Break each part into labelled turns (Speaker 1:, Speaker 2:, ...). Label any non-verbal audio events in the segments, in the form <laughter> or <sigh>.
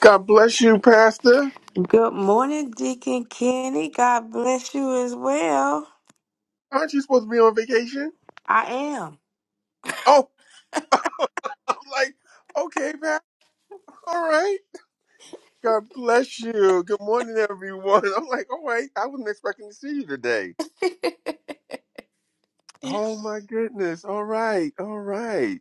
Speaker 1: God bless you, Pastor.
Speaker 2: Good morning, Deacon Kenny. God bless you as well.
Speaker 1: Aren't you supposed to be on vacation?
Speaker 2: I am.
Speaker 1: Oh, <laughs> I'm like, okay, Pastor. All right. God bless you. Good morning, everyone. <laughs> I'm like, all right. I wasn't expecting to see you today. Oh my goodness. All right. All right.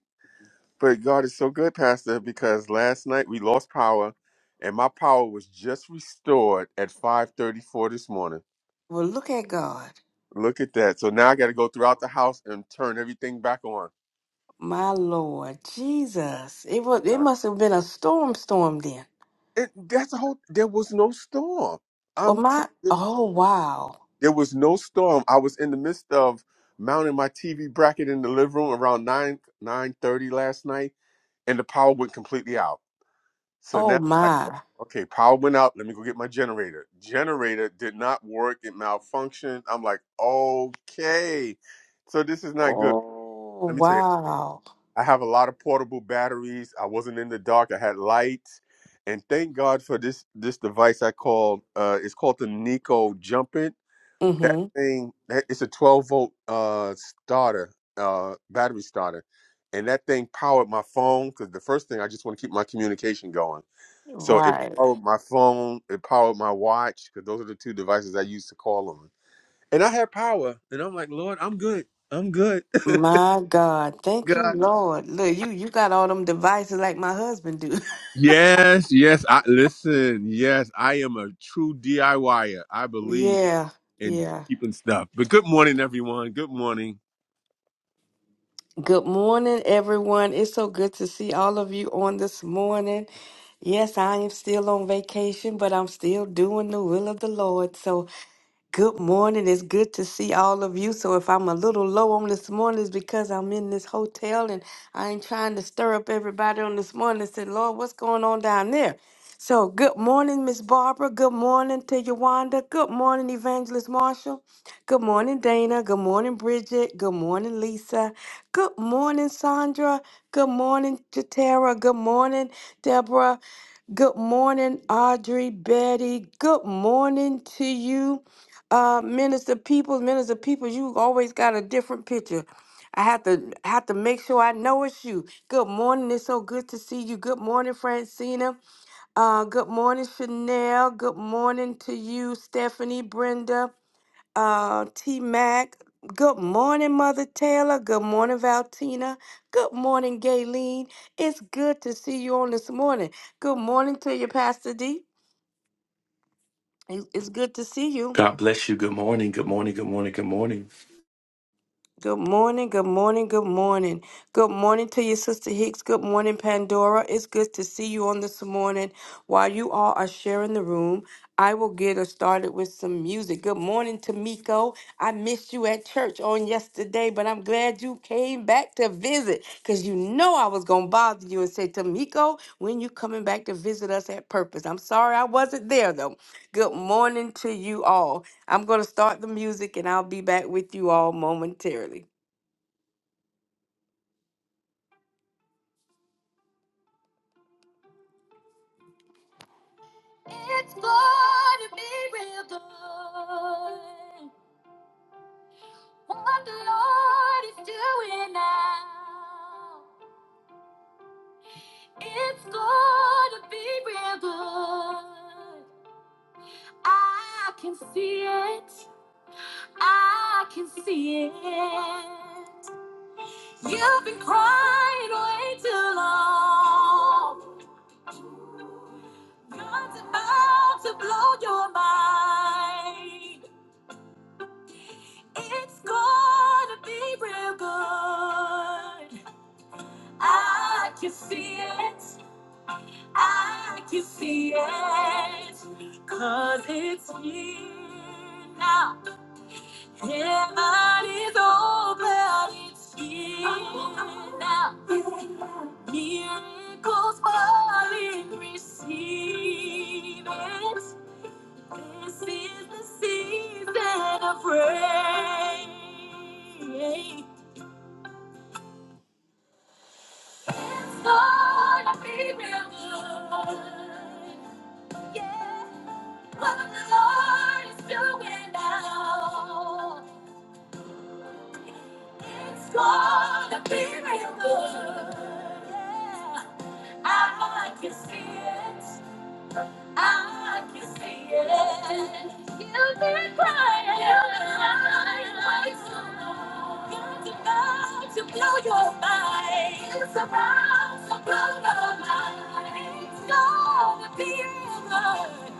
Speaker 1: But God is so good, Pastor, because last night we lost power, and my power was just restored at 5:34 this morning.
Speaker 2: Well, look at God.
Speaker 1: Look at that. So now I got to go throughout the house and turn everything back on.
Speaker 2: My Lord Jesus. It was it must have been a storm storm then.
Speaker 1: It, that's the whole. There was no storm.
Speaker 2: Well
Speaker 1: I'm telling
Speaker 2: my
Speaker 1: you,
Speaker 2: oh wow.
Speaker 1: there was no storm. I was in the midst of mounting my TV bracket in the living room around nine nine thirty last night, and the power went completely out. So
Speaker 2: Oh
Speaker 1: now, like, o-
Speaker 2: my.
Speaker 1: okay, power went out. Let me go get my generator. Generator did not work. It malfunctioned. I'm like, okay, so this is not good.
Speaker 2: Oh
Speaker 1: Let me tell you.
Speaker 2: wow.
Speaker 1: I have a lot of portable batteries. I wasn't in the dark. I had lights, and thank God for this this device. I called uh, it's called the Nico Jumpin. That
Speaker 2: Mm-hmm.
Speaker 1: thing that it's a 12 volt uh, starter uh, battery starter, and that thing powered my phone because the first thing I just want to keep my communication going. So it
Speaker 2: Right.
Speaker 1: powered my phone. It powered my watch because those are the two devices I used to call on. And I had power, and I'm like, Lord, I'm good. I'm good. <laughs>
Speaker 2: My God. Thank you,
Speaker 1: God.
Speaker 2: Lord. Look, you you got all them devices like my husband do.
Speaker 1: Yes, yes. I listen. Yes, I am a true DIYer. I
Speaker 2: <laughs>
Speaker 1: believe
Speaker 2: yeah.
Speaker 1: in
Speaker 2: Yeah.
Speaker 1: keeping stuff. But good morning, everyone. Good morning.
Speaker 2: Good morning, everyone. It's so good to see all of you on this morning. Yes, I am still on vacation, but I'm still doing the will of the Lord. So. Good morning. It's good to see all of you. So if I'm a little low on this morning, it's because I'm in this hotel and I ain't trying to stir up everybody on this morning and say, Lord, what's going on down there? So good morning, Miss Barbara. Good morning to Yawanda. Good morning, Evangelist Marshall. Good morning, Dana. Good morning, Bridget. Good morning, Lisa. Good morning, Sandra. Good morning, Jatera. Good morning, Deborah. Good morning, Audrey, Betty. Good morning to you uh minister people minister people you always got a different picture i have to have to make sure i know it's you good morning it's so good to see you good morning francina uh good morning chanel good morning to you stephanie brenda uh t mac good morning mother taylor good morning valtina good morning Gayleen. it's good to see you on this morning good morning to you pastor d It- it's good to see you
Speaker 3: God bless you. Good morning. Good morning. Good morning. Good morning.
Speaker 2: Good morning, good morning, good morning. Good morning to your sister Hicks. Good morning, Pandora. It's good to see you on this morning. While you all are sharing the room, I will get us started with some music. Good morning, Tamiko. I missed you at church on yesterday, but I'm glad you came back to visit because you know I was going to bother you and say, Tamiko, when you coming back to visit us at Purpose? I'm sorry I wasn't there, though. Good morning to you all. I'm going to start the music and I'll be back with you all momentarily. It's going to be real good. What the Lord is doing now. It's going to be real good. I can see it. I can see it. You've been crying way too long. God's about to blow your mind. It's gonna be real good. I can see it. I can see it. Cause it's here now. Heaven is open. It's here now. Miracles falling. Receive it. This is the season of rain. Lord, I feel real good. Yeah. What the Lord is doing now, It's Gonna be real good. Yeah. I can see it. I can see it. You've been crying. You've been crying way so long. God's about to blow your mind. It's about to blow your mind. It's gonna be over. It's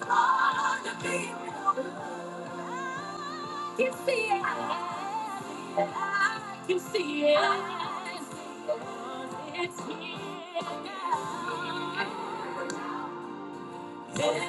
Speaker 2: gonna be over. I can see it. I can see it. I can see it. It's here now here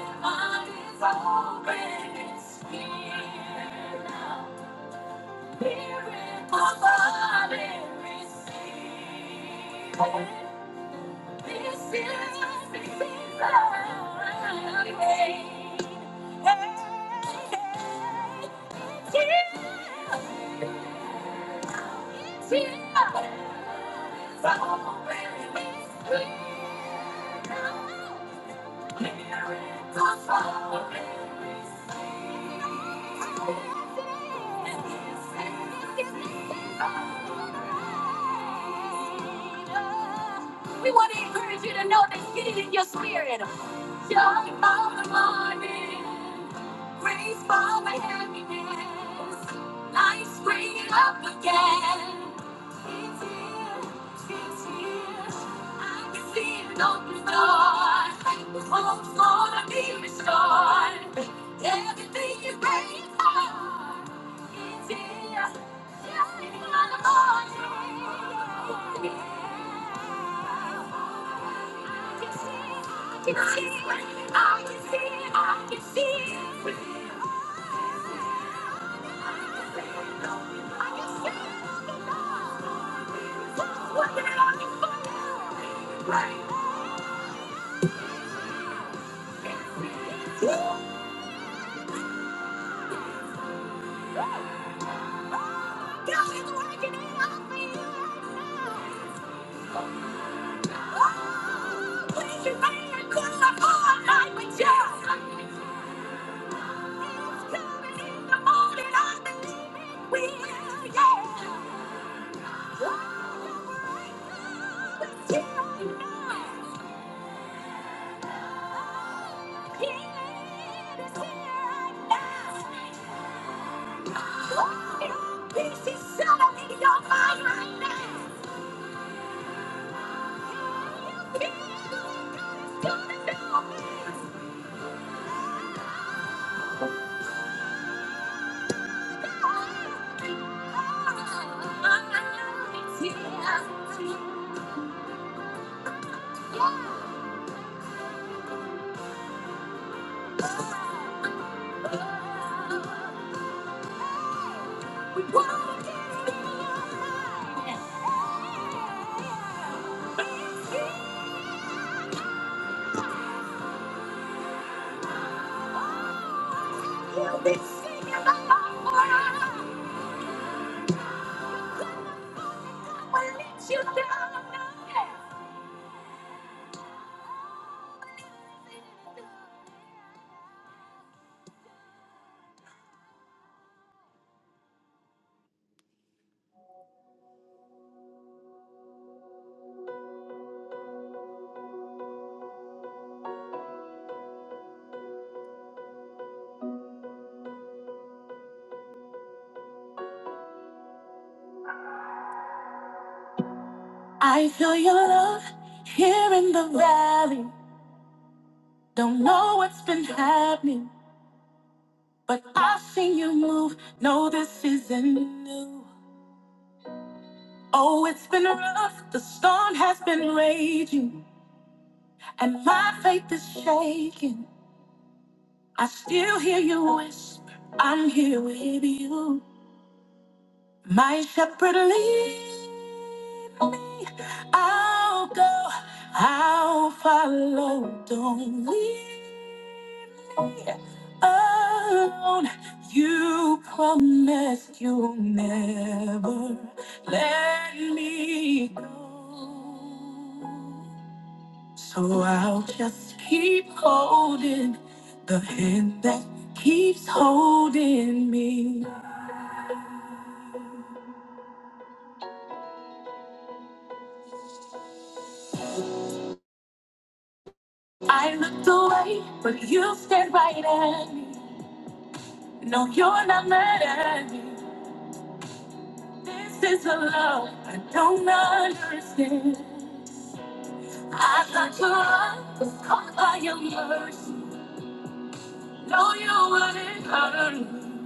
Speaker 2: Thank you. We want to encourage you to know that get it in your spirit. Joy for the morning, grace for the happiness, life springing up again. Open door, the hope's gonna be restored. Everything you prayed for, It's here, Just in the morning. I can see I I I can can can see, I can see, I can see. It's Yeah. Peace is settled in your mind right now. Peace is coming down. It's here. Yeah. We want to get it in your mind. You've been singing along for us. I'm gonna let you down now. I feel your love here in the valley. Don't know what's been happening, but I've seen you move. No, this isn't new. Oh, it's been rough. The storm has been raging, and my faith is shaking. I still hear you whisper, I'm here with you. My shepherd lead me. I'll go. I'll follow. Don't leave me alone. You promised you'll never let me go. So I'll just keep holding the hand that keeps holding me. I looked away, but you stared right at me. No, you're not mad at me. This is a love I don't understand. I thought your love was caught by your mercy. No, you wouldn't hurt me.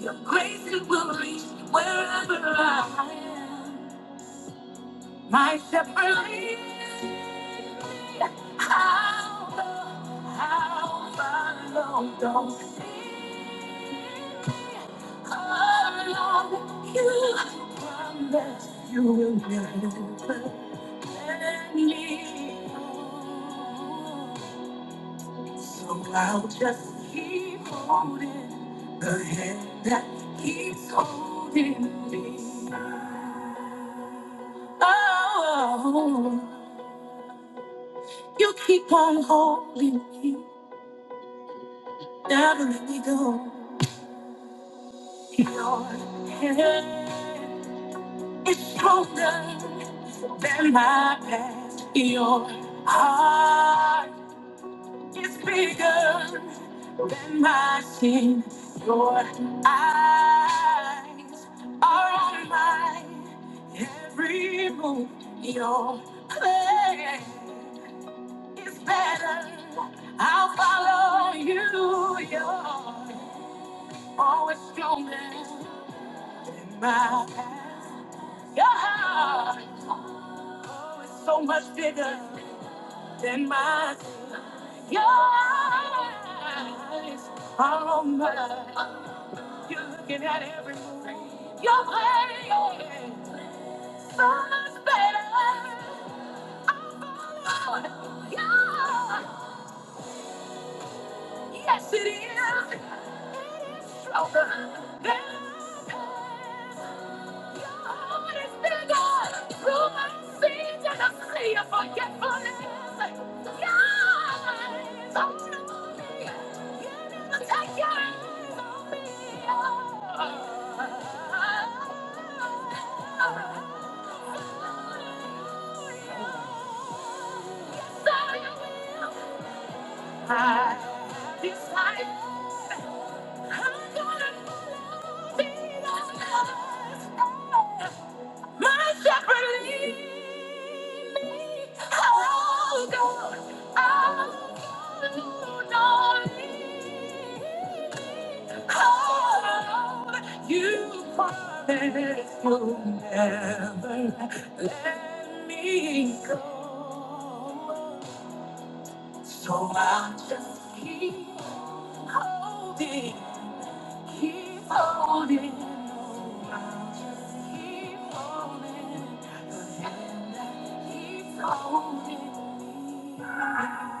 Speaker 2: Your grace it will reach me wherever I am. My shepherd lead, me, I'll follow, I'll follow, don't leave me alone. you promise you will never let me go. So I'll just keep holding the hand that keeps holding me. Oh, you keep on holding me, never let me go. Your hand is stronger than my past. Your heart. It's bigger than my sin. Your eyes are on my every move. Your plan is better. I'll follow you. You're always stronger than my past. Your heart, oh, it's so much bigger. Then my your eyes are on mine. You're looking at every move. You're playing so much better. I'm falling. Yeah. Yes, it is. It is stronger than I I'll take your hands off me. So you my Decide I'm gonna be the My shepherd lead me. I'll go. I'll go. No Oh, you promised you'll never let me go. So I'll just keep holding Keep holding on. I'll just keep holding the hand that keeps holding me. I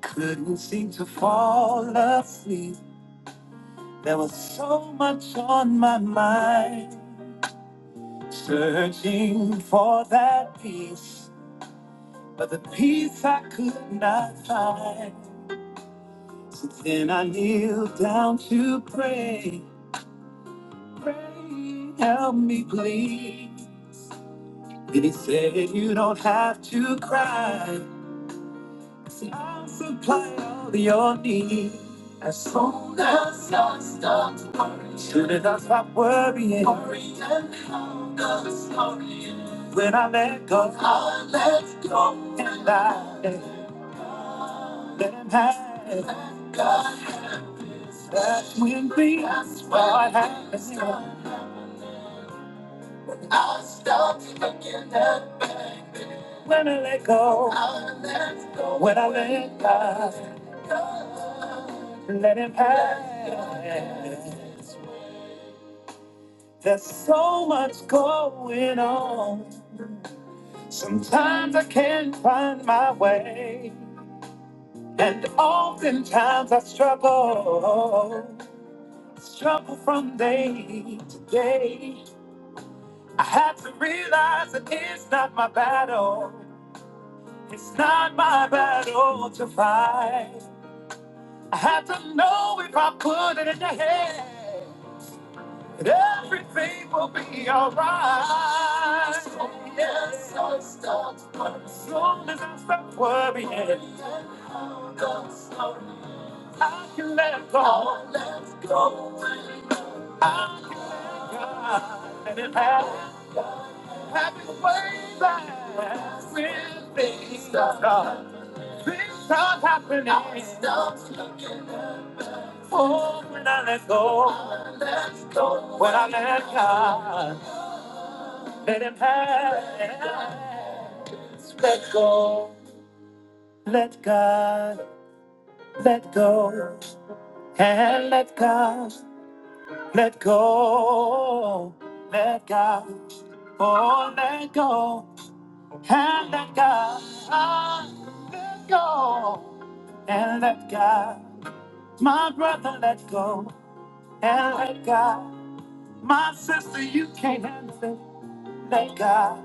Speaker 2: couldn't seem to fall asleep. There was so much on my mind, searching for that peace, but the peace I could not find. So then I kneeled down to pray. Help me, please. He said, You don't have to cry. See, I'll supply all your needs. As soon as I start worrying, soon as I stop worrying, worrying how the story ends. When I let go, I let go, and I let let him have it. Let God have it. That's when things That's when start happening. I start to look in that bag. When I let go, when I let God, let Him have your hands. There's so much going on. Sometimes I can't find my way, and oftentimes I struggle, struggle from day to day. I have to realize that it's not my battle. It's not my battle to fight. I had to know if I put it in the head that everything will be alright. So yes, I start worrying. Soon as I stop worrying, hold on slowly. I can let go. I let go. I can let go. And it happen. Happy way back when things start, things start happening. I start looking. Oh, when I let go, when I let God, let Him have. Let go, let God, let go, and let God, let go, let God, oh, let go, and let God, ah, let go, and let God, my brother, let go, and let God, my sister, you can't handle it. Let God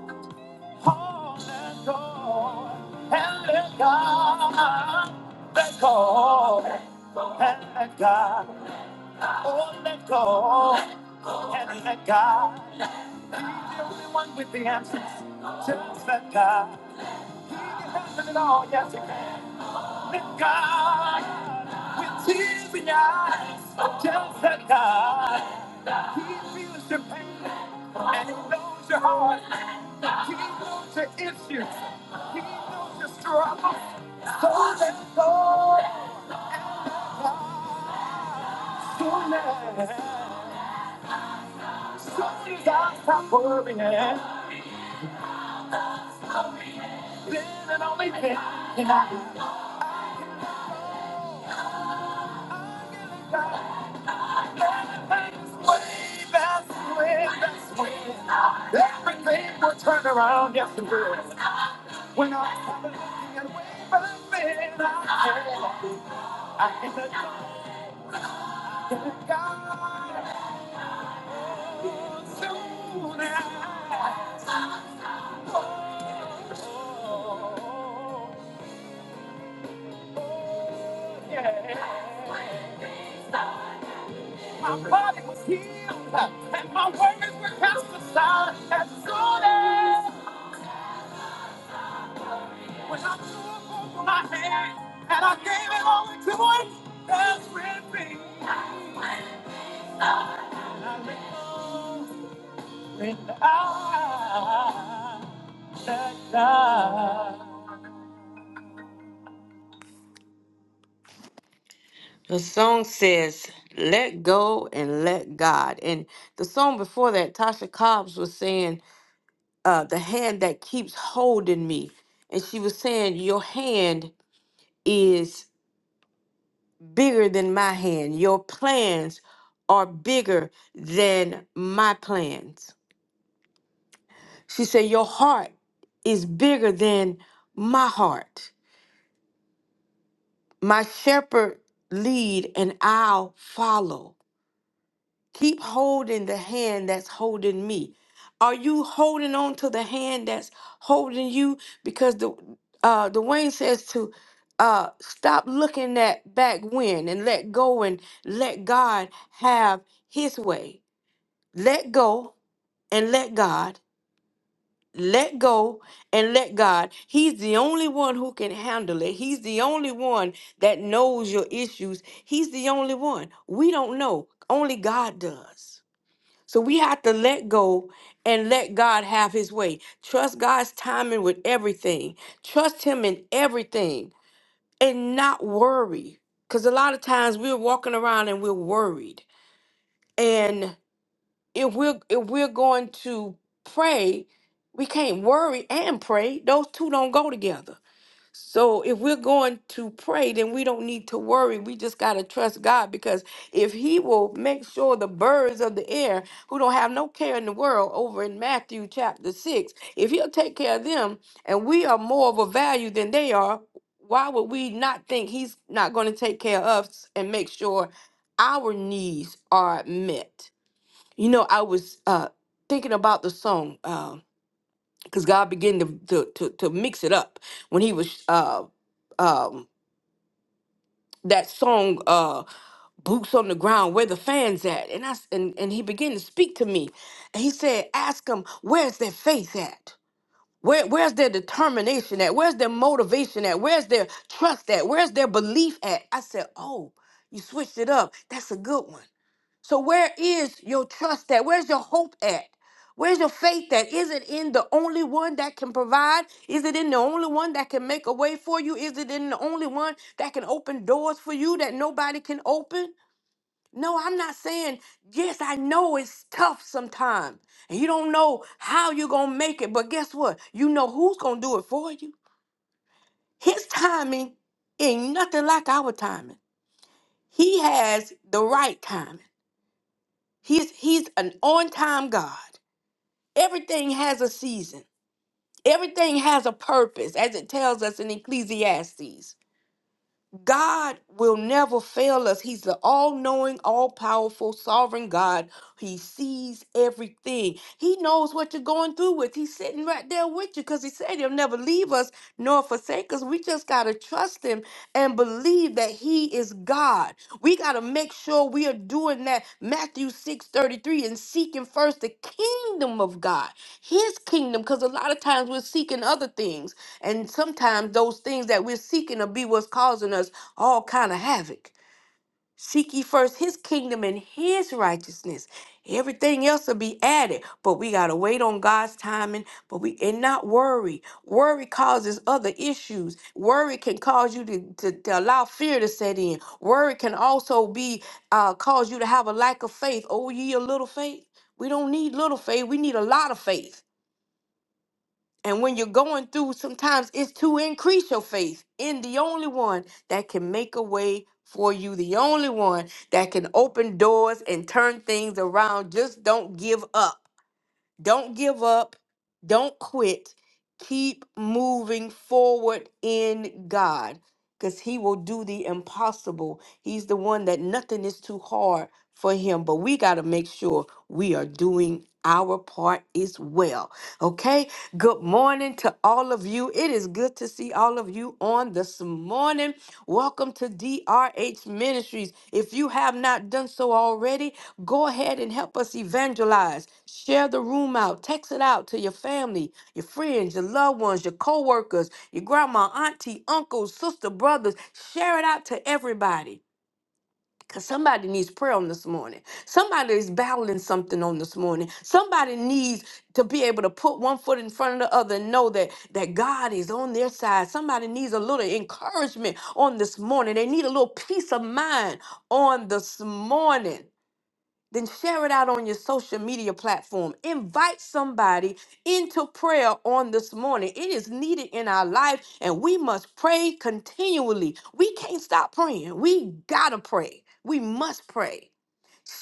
Speaker 2: hold and go, and let God let go, and let God oh let go, and let God. He's the only one with the answers. Just let God. He can handle it all. Yes, he can. That God, with tears in your eyes, tells that God, He feels your pain and He knows your heart. He knows your issues. He knows your struggles. So let go. So let. So as I stop worrying, then and only then can I. Oh, I get it done. That's when, that's when everything will turn around. Yes, it will. When I started looking at way back then, I had, I had a God that God would soon act. Oh, oh, yeah. My body was healed and my worries were cast aside as soon as. When I threw up over my head and I gave it all to one that's with me. And I know that I let God. The song says, let go and let God. And the song before that, Tasha Cobbs was saying, uh, the hand that keeps holding me. And she was saying, your hand is bigger than my hand. Your plans are bigger than my plans. She said, Your heart is bigger than my heart. My shepherd lead and I'll follow. Keep holding the hand that's holding me. Are you holding on to the hand that's holding you? Because the uh Dwayne says to uh stop looking at back when and let go and let God have his way. let go and let God. Let go and let God. He's the only one who can handle it. He's the only one that knows your issues. He's the only one. We don't know. Only God does. So we have to let go and let God have his way. Trust God's timing with everything. Trust him in everything and not worry. Because a lot of times we're walking around and we're worried. if we're if we're going to pray, we can't worry and pray. Those two don't go together. So if we're going to pray, then we don't need to worry. We just gotta trust God because if He will make sure the birds of the air who don't have no care in the world over in Matthew chapter six, if He'll take care of them and we are more of a value than they are, why would we not think He's not gonna take care of us and make sure our needs are met? You know, I was uh, thinking about the song because God began to, to to to mix it up when He was uh, um, that song uh, "Boots on the Ground," where the fans at, and I s- and and He began to speak to me, and He said, "Ask them where's their faith at." Where, where's their determination at? Where's their motivation at? Where's their trust at? Where's their belief at? I said, Oh, you switched it up. That's a good one. So where is your trust at? Where's your hope at? Where's your faith at? Is it in the only one that can provide? Is it in the only one that can make a way for you? Is it in the only one that can open doors for you that nobody can open? No, I'm not saying, yes, I know it's tough sometimes. And you don't know how you're going to make it, but guess what? You know who's going to do it for you. His timing ain't nothing like our timing. He has the right timing. He's he's an on-time God. Everything has a season. Everything has a purpose, as it tells us in Ecclesiastes. God will never fail us. He's the all knowing, all powerful, sovereign God. He sees everything. He knows what you're going through with. He's sitting right there with you because He said He'll never leave us nor forsake us. We just got to trust Him and believe that He is God. We got to make sure we are doing that. Matthew 6 33 and seeking first the kingdom of God, His kingdom, because a lot of times we're seeking other things. And sometimes those things that we're seeking will be what's causing us all kind of havoc. Seek ye first his kingdom and his righteousness. Everything else will be added, but we gotta wait on God's timing. But we and not worry. Worry causes other issues. Worry can cause you to, to, to allow fear to set in. Worry can also be uh, cause you to have a lack of faith. Oh, ye a little faith. We don't need little faith. We need a lot of faith and when you're going through, sometimes it's to increase your faith in the only one that can make a way for you, the only one that can open doors and turn things around. Just don't give up. Don't give up. Don't quit. Keep moving forward in God because He will do the impossible. He's the one that nothing is too hard for Him, but we got to make sure we are doing our part as well. Okay? Good morning to all of you. It is good to see all of you on this morning. Welcome to DRH Ministries. If you have not done so already, Go ahead and help us evangelize. Share the room out. Text it out to your family, your friends, your loved ones, your coworkers, your grandma, auntie, uncles, sister, brothers. Share it out to everybody. Because somebody needs prayer on this morning. Somebody is battling something on this morning. Somebody needs to be able to put one foot in front of the other and know that, that God is on their side. Somebody needs a little encouragement on this morning. They need a little peace of mind on this morning then share it out on your social media platform. Invite somebody into prayer on this morning. It is needed in our life, and we must pray continually. We can't stop praying. We gotta pray. We must pray.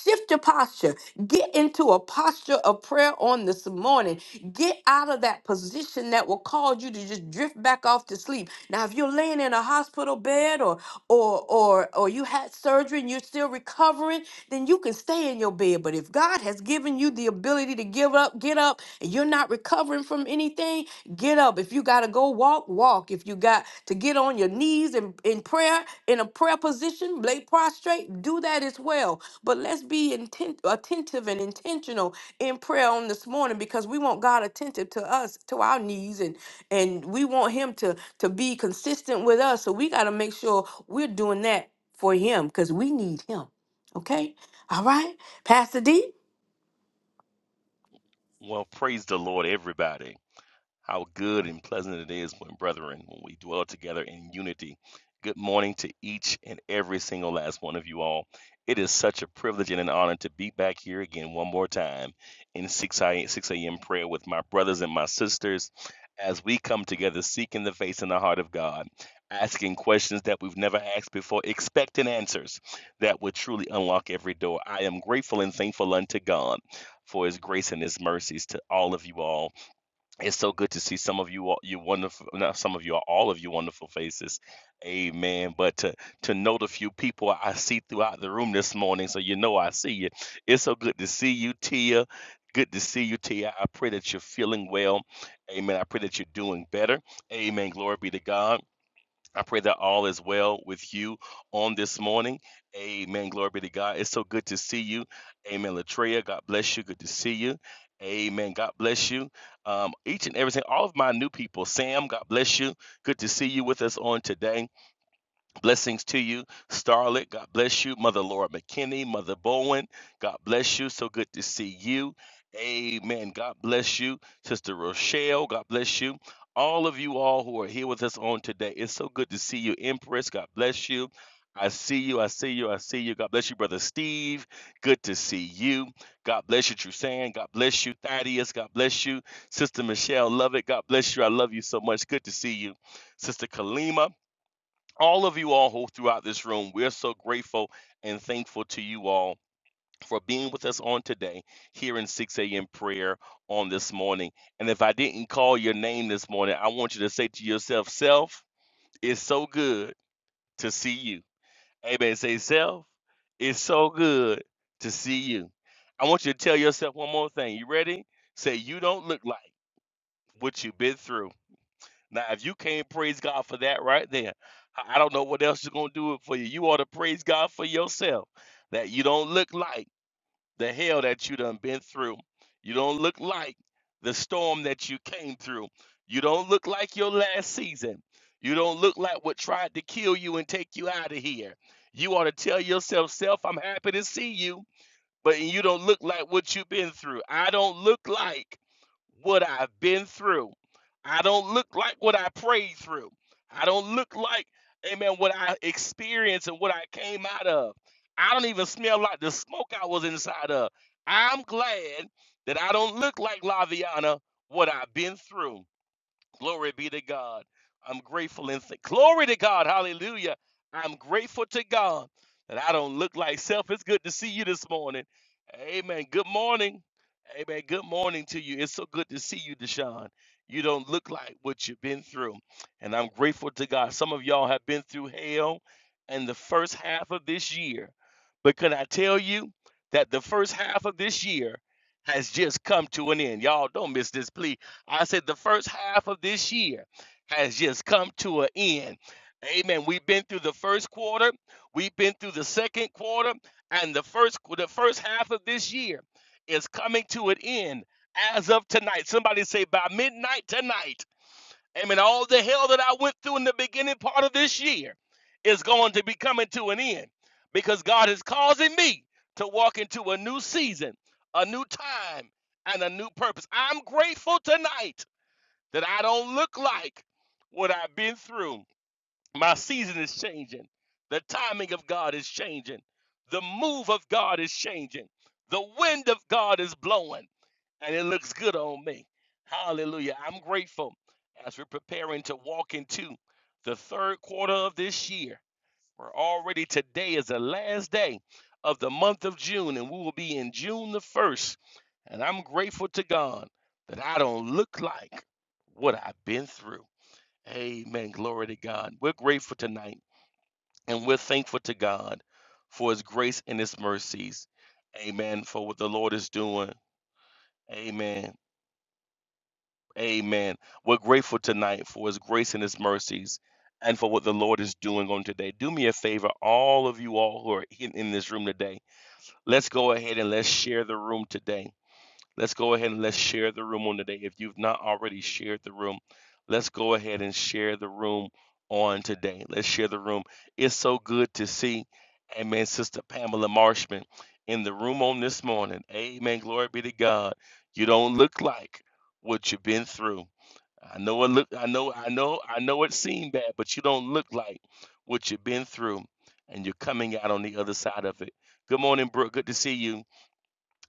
Speaker 2: Shift your posture. Get into a posture of prayer on this morning. Get out of that position that will cause you to just drift back off to sleep. Now, if you're laying in a hospital bed or or or or you had surgery and you're still recovering, then you can stay in your bed. But if God has given you the ability to give up, get up, and you're not recovering from anything, get up. If if you got to go walk, walk. If you got to get on your knees in, in prayer, in a prayer position, lay prostrate, do that as well. But let's be intent, attentive and intentional in prayer on this morning because we want God attentive to us, to our needs, and and we want Him to to be consistent with us. So we got to make sure we're doing that for Him because we need Him. Okay, all right, Pastor D.
Speaker 3: Well, praise the Lord, everybody. How good and pleasant it is when brethren, when we dwell together in unity. Good morning to each and every single last one of you all. It is such a privilege and an honor to be back here again one more time in 6 a.m. prayer with my brothers and my sisters as we come together seeking the face and the heart of God, asking questions that we've never asked before, expecting answers that would truly unlock every door. I am grateful and thankful unto God for his grace and his mercies to all of you all it's so good to see some of you, all you wonderful, not some of you, all of you wonderful faces. Amen. But to, to know the few people I see throughout the room this morning, so you know I see you. It's so good to see you, Tia. Good to see you, Tia. I pray that you're feeling well. Amen. I pray that you're doing better. Amen. Glory be to God. I pray that all is well with you on this morning. Amen. Glory be to God. It's so good to see you. Amen. Latreia, God bless you. Good to see you. Amen. God bless you. Um, each and every single, all of my new people, Sam, God bless you. Good to see you with us on today. Blessings to you, Starlet. God bless you, Mother Laura McKinney, Mother Bowen. God bless you. So good to see you. Amen. God bless you, Sister Rochelle. God bless you. All of you all who are here with us on today. It's so good to see you, Empress. God bless you. I see you. I see you. I see you. God bless you, Brother Steve. Good to see you. God bless you, Trusan. God bless you, Thaddeus. God bless you, Sister Michelle. Love it. God bless you. I love you so much. Good to see you, Sister Kalima all of you all who throughout this room, we're so grateful and thankful to you all for being with us on today here in 6 a.m. prayer on this morning. And if I didn't call your name this morning, I want you to say to yourself, Self, it's so good to see you. Amen. Say, Self, it's so good to see you. I want you to tell yourself one more thing. You ready? Say, You don't look like what you've been through. Now, if you can't praise God for that right there, I I don't know what else is going to do it for you. You ought to praise God for yourself that you don't look like the hell that you done been through. You don't look like the storm that you came through. You don't look like your last season. You don't look like what tried to kill you and take you out of here. You ought to tell yourself, self, I'm happy to see you but you don't look like what you've been through. I don't look like what I've been through. I don't look like what I prayed through. I don't look like, amen, what I experienced and what I came out of. I don't even smell like the smoke I was inside of. I'm glad that I don't look like Laviana, what I've been through. Glory be to God. I'm grateful and th- glory to God. Hallelujah. I'm grateful to God that I don't look like self. It's good to see you this morning. Amen. Good morning. Amen. Good morning to you. It's so good to see you, Deshaun. You don't look like what you've been through. And I'm grateful to God. Some of y'all have been through hell in the first half of this year. But can I tell you that the first half of this year has just come to an end? Y'all don't miss this, please I said the first half of this year has just come to an end. Amen. We've been through the first quarter, we've been through the second quarter, and the first the first half of this year is coming to an end as of tonight. Somebody say by midnight tonight. Amen. All the hell that I went through in the beginning part of this year is going to be coming to an end because God is causing me to walk into a new season, a new time, and a new purpose. I'm grateful tonight that I don't look like what I've been through. My season is changing. The timing of God is changing. The move of God is changing. The wind of God is blowing, and it looks good on me. Hallelujah. I'm grateful as we're preparing to walk into the third quarter of this year. We're already today is the last day of the month of June, and we will be in June the 1st. And I'm grateful to God that I don't look like what I've been through. Amen. Glory to God. We're grateful tonight, and we're thankful to God for His grace and His mercies. Amen. For what the Lord is doing. Amen. Amen. We're grateful tonight for his grace and his mercies and for what the Lord is doing on today. Do me a favor, all of you all who are in, in this room today, let's go ahead and let's share the room today. Let's go ahead and let's share the room on today. If you've not already shared the room, let's go ahead and share the room on today. Let's share the room. It's so good to see, amen, Sister Pamela Marshman in the room on this morning. Amen. Glory be to God. You don't look like what you've been through. I know it look I know I know I know it seemed bad, but you don't look like what you've been through and you're coming out on the other side of it. Good morning, Brooke. Good to see you.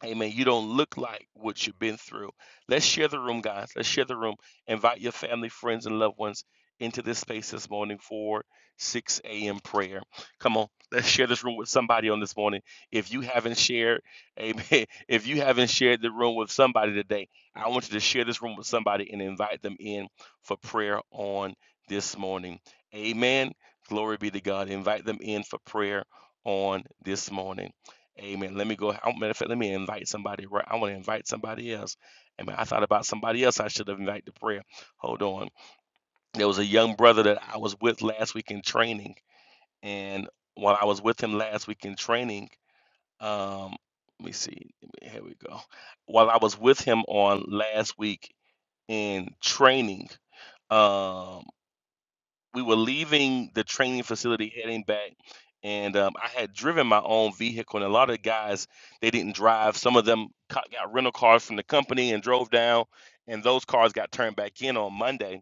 Speaker 3: Amen. You don't look like what you've been through. Let's share the room, guys. Let's share the room. Invite your family, friends, and loved ones into this space this morning for 6 a.m. prayer. Come on, let's share this room with somebody on this morning. If you haven't shared, amen. <laughs> If you haven't shared the room with somebody today, I want you to share this room with somebody and invite them in for prayer on this morning. Amen. Glory be to God. Invite them in for prayer on this morning. Amen. Let me go. I, matter of fact, let me invite somebody. Right, I want to invite somebody else. Amen. I thought about somebody else I should have invited to prayer. Hold on. There was a young brother that I was with last week in training, and while I was with him last week in training, um, let me see. Here we go. While I was with him on last week in training, um, we were leaving the training facility heading back and um, i had driven my own vehicle and a lot of the guys they didn't drive some of them co- got rental cars from the company and drove down and those cars got turned back in on monday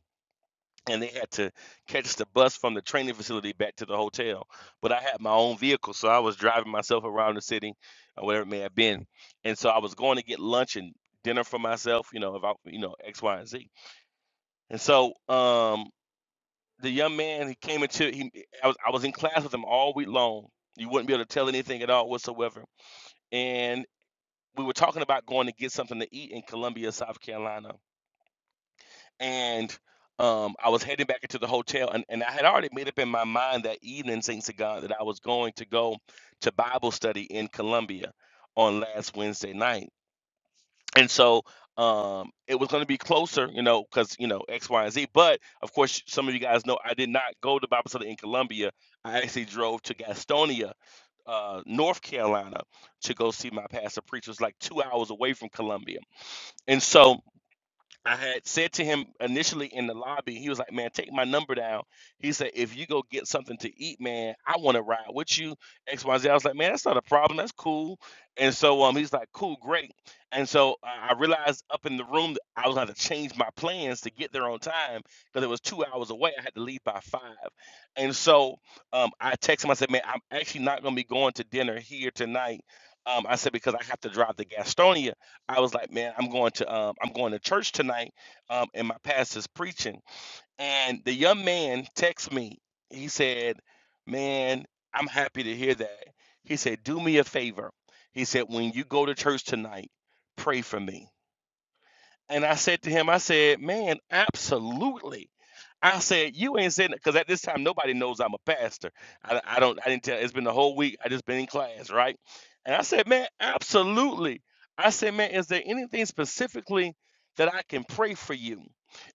Speaker 3: and they had to catch the bus from the training facility back to the hotel but i had my own vehicle so i was driving myself around the city or whatever it may have been and so i was going to get lunch and dinner for myself you know if i you know x y and z and so um the young man he came into he I was I was in class with him all week long. You wouldn't be able to tell anything at all whatsoever. And we were talking about going to get something to eat in Columbia, South Carolina. And um, I was heading back into the hotel, and, and I had already made up in my mind that evening, Saint to God, that I was going to go to Bible study in Columbia on last Wednesday night and so um it was going to be closer you know because you know x y and z but of course some of you guys know i did not go to bible study in columbia i actually drove to gastonia uh, north carolina to go see my pastor preacher It was like two hours away from columbia and so I had said to him initially in the lobby, he was like, Man, take my number down. He said, If you go get something to eat, man, I want to ride with you. XYZ. I was like, Man, that's not a problem. That's cool. And so um he's like, Cool, great. And so I I realized up in the room that I was gonna to change my plans to get there on time because it was two hours away. I had to leave by five. And so um I texted him, I said, Man, I'm actually not gonna be going to dinner here tonight. Um, I said because I have to drive to Gastonia I was like, man, I'm going to um, I'm going to church tonight, um, and my pastor's preaching. And the young man texted me. He said, "Man, I'm happy to hear that." He said, "Do me a favor." He said, "When you go to church tonight, pray for me." And I said to him, I said, man, absolutely. I said, you ain't saying because at this time nobody knows I'm a pastor. I, I don't. I didn't tell. It's been the whole week. I just been in class, right? And I said, man, absolutely. I said, man, is there anything specifically that I can pray for you?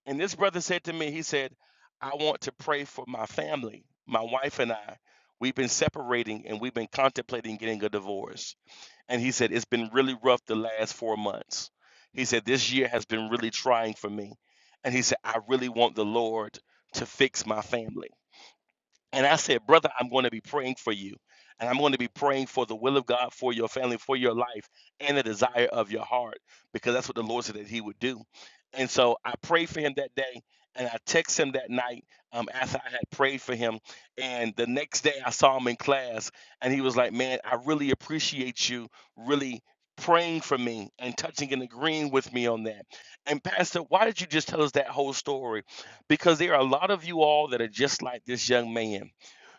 Speaker 3: And this brother said to me, he said, I want to pray for my family, my wife and I. We've been separating and we've been contemplating getting a divorce. And he said, It's been really rough the last four months. He said, This year has been really trying for me. And he said, I really want the Lord to fix my family. And I said, Brother, I'm going to be praying for you. And I'm going to be praying for the will of God for your family, for your life, and the desire of your heart, because that's what the Lord said that He would do. And so I prayed for him that day, and I texted him that night um, after I had prayed for him. And the next day I saw him in class, and he was like, Man, I really appreciate you really praying for me and touching and agreeing with me on that. And, Pastor, why did you just tell us that whole story? because there are a lot of you all that are just like this young man.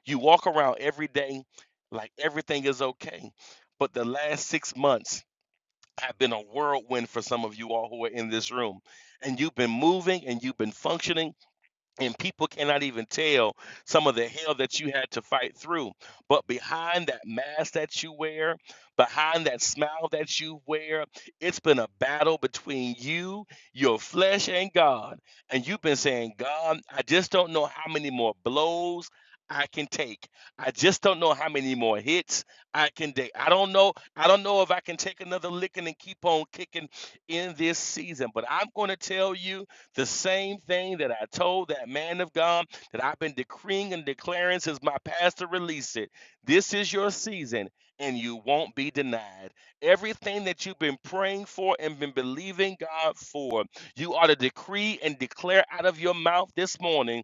Speaker 3: You walk around every day like everything is okay, but the last six months have been a whirlwind for some of you all who are in this room. And you've been moving and you've been functioning and people cannot even tell some of the hell that you had to fight through. But behind that mask that you wear, behind that smile that you wear, it's been a battle between you, your flesh, and God. And you've been saying, God, I just don't know how many more blows. I can take. I just don't know how many more hits I can take. I don't know. I don't know if I can take another licking and keep on kicking in this season. But I'm going to tell you the same thing that I told that man of God that I've been decreeing and declaring since my pastor released it. This is your season and you won't be denied. Everything that you've been praying for and been believing God for, you ought to decree and declare out of your mouth this morning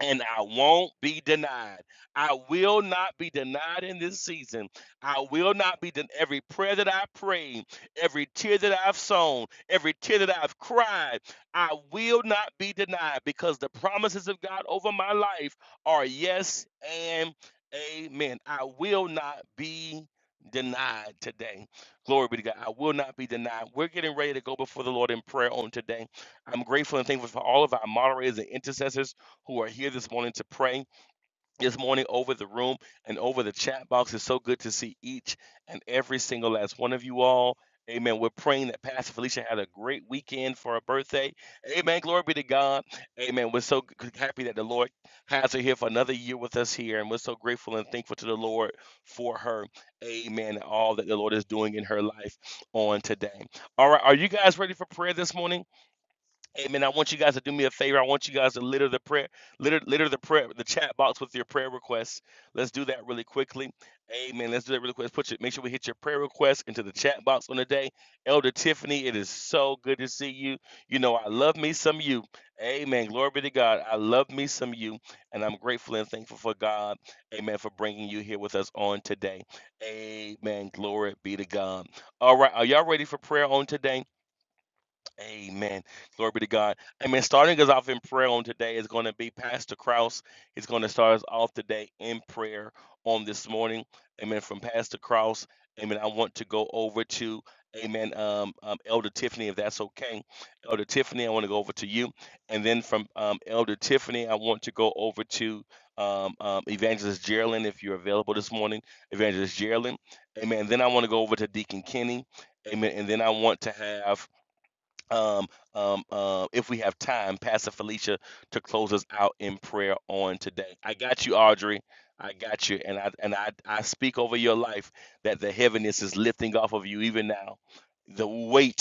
Speaker 3: and I won't be denied. I will not be denied in this season. I will not be denied. Every prayer that I prayed, every tear that I've sown, every tear that I've cried, I will not be denied because the promises of God over my life are yes and amen. I will not be denied today. Glory be to God. I will not be denied. We're getting ready to go before the Lord in prayer on today. I'm grateful and thankful for all of our moderators and intercessors who are here this morning to pray this morning over the room and over the chat box. It's so good to see each and every single last one of you all. Amen. We're praying that Pastor Felicia had a great weekend for her birthday. Amen. Glory be to God. Amen. We're so happy that the Lord has her here for another year with us here. And we're so grateful and thankful to the Lord for her. Amen. and All that the Lord is doing in her life on today. All right. Are you guys ready for prayer this morning? Amen. I want you guys to do me a favor. I want you guys to litter the prayer, litter, litter the prayer, the chat box with your prayer requests. Let's do that really quickly. Amen. Let's do that really quick. Let's Put your, make sure we hit your prayer requests into the chat box on the day. Elder Tiffany, it is so good to see you. You know, I love me some you. Amen. Glory be to God. I love me some you, and I'm grateful and thankful for God. Amen. For bringing you here with us on today. Amen. Glory be to God. All right. Are y'all ready for prayer on today? Amen. Glory be to God. Amen. Starting us off in prayer on today is going to be Pastor Kraus. He's going to start us off today in prayer on this morning. Amen. From Pastor Kraus. Amen. I want to go over to Amen. Um, um, Elder Tiffany, if that's okay. Elder Tiffany, I want to go over to you. And then from um, Elder Tiffany, I want to go over to um, um, Evangelist Geraldine, if you're available this morning. Evangelist Geraldine. Amen. Then I want to go over to Deacon Kenny. Amen. And then I want to have um, um, uh, if we have time, Pastor Felicia, to close us out in prayer on today. I got you, Audrey. I got you, and I and I I speak over your life that the heaviness is lifting off of you even now. The weight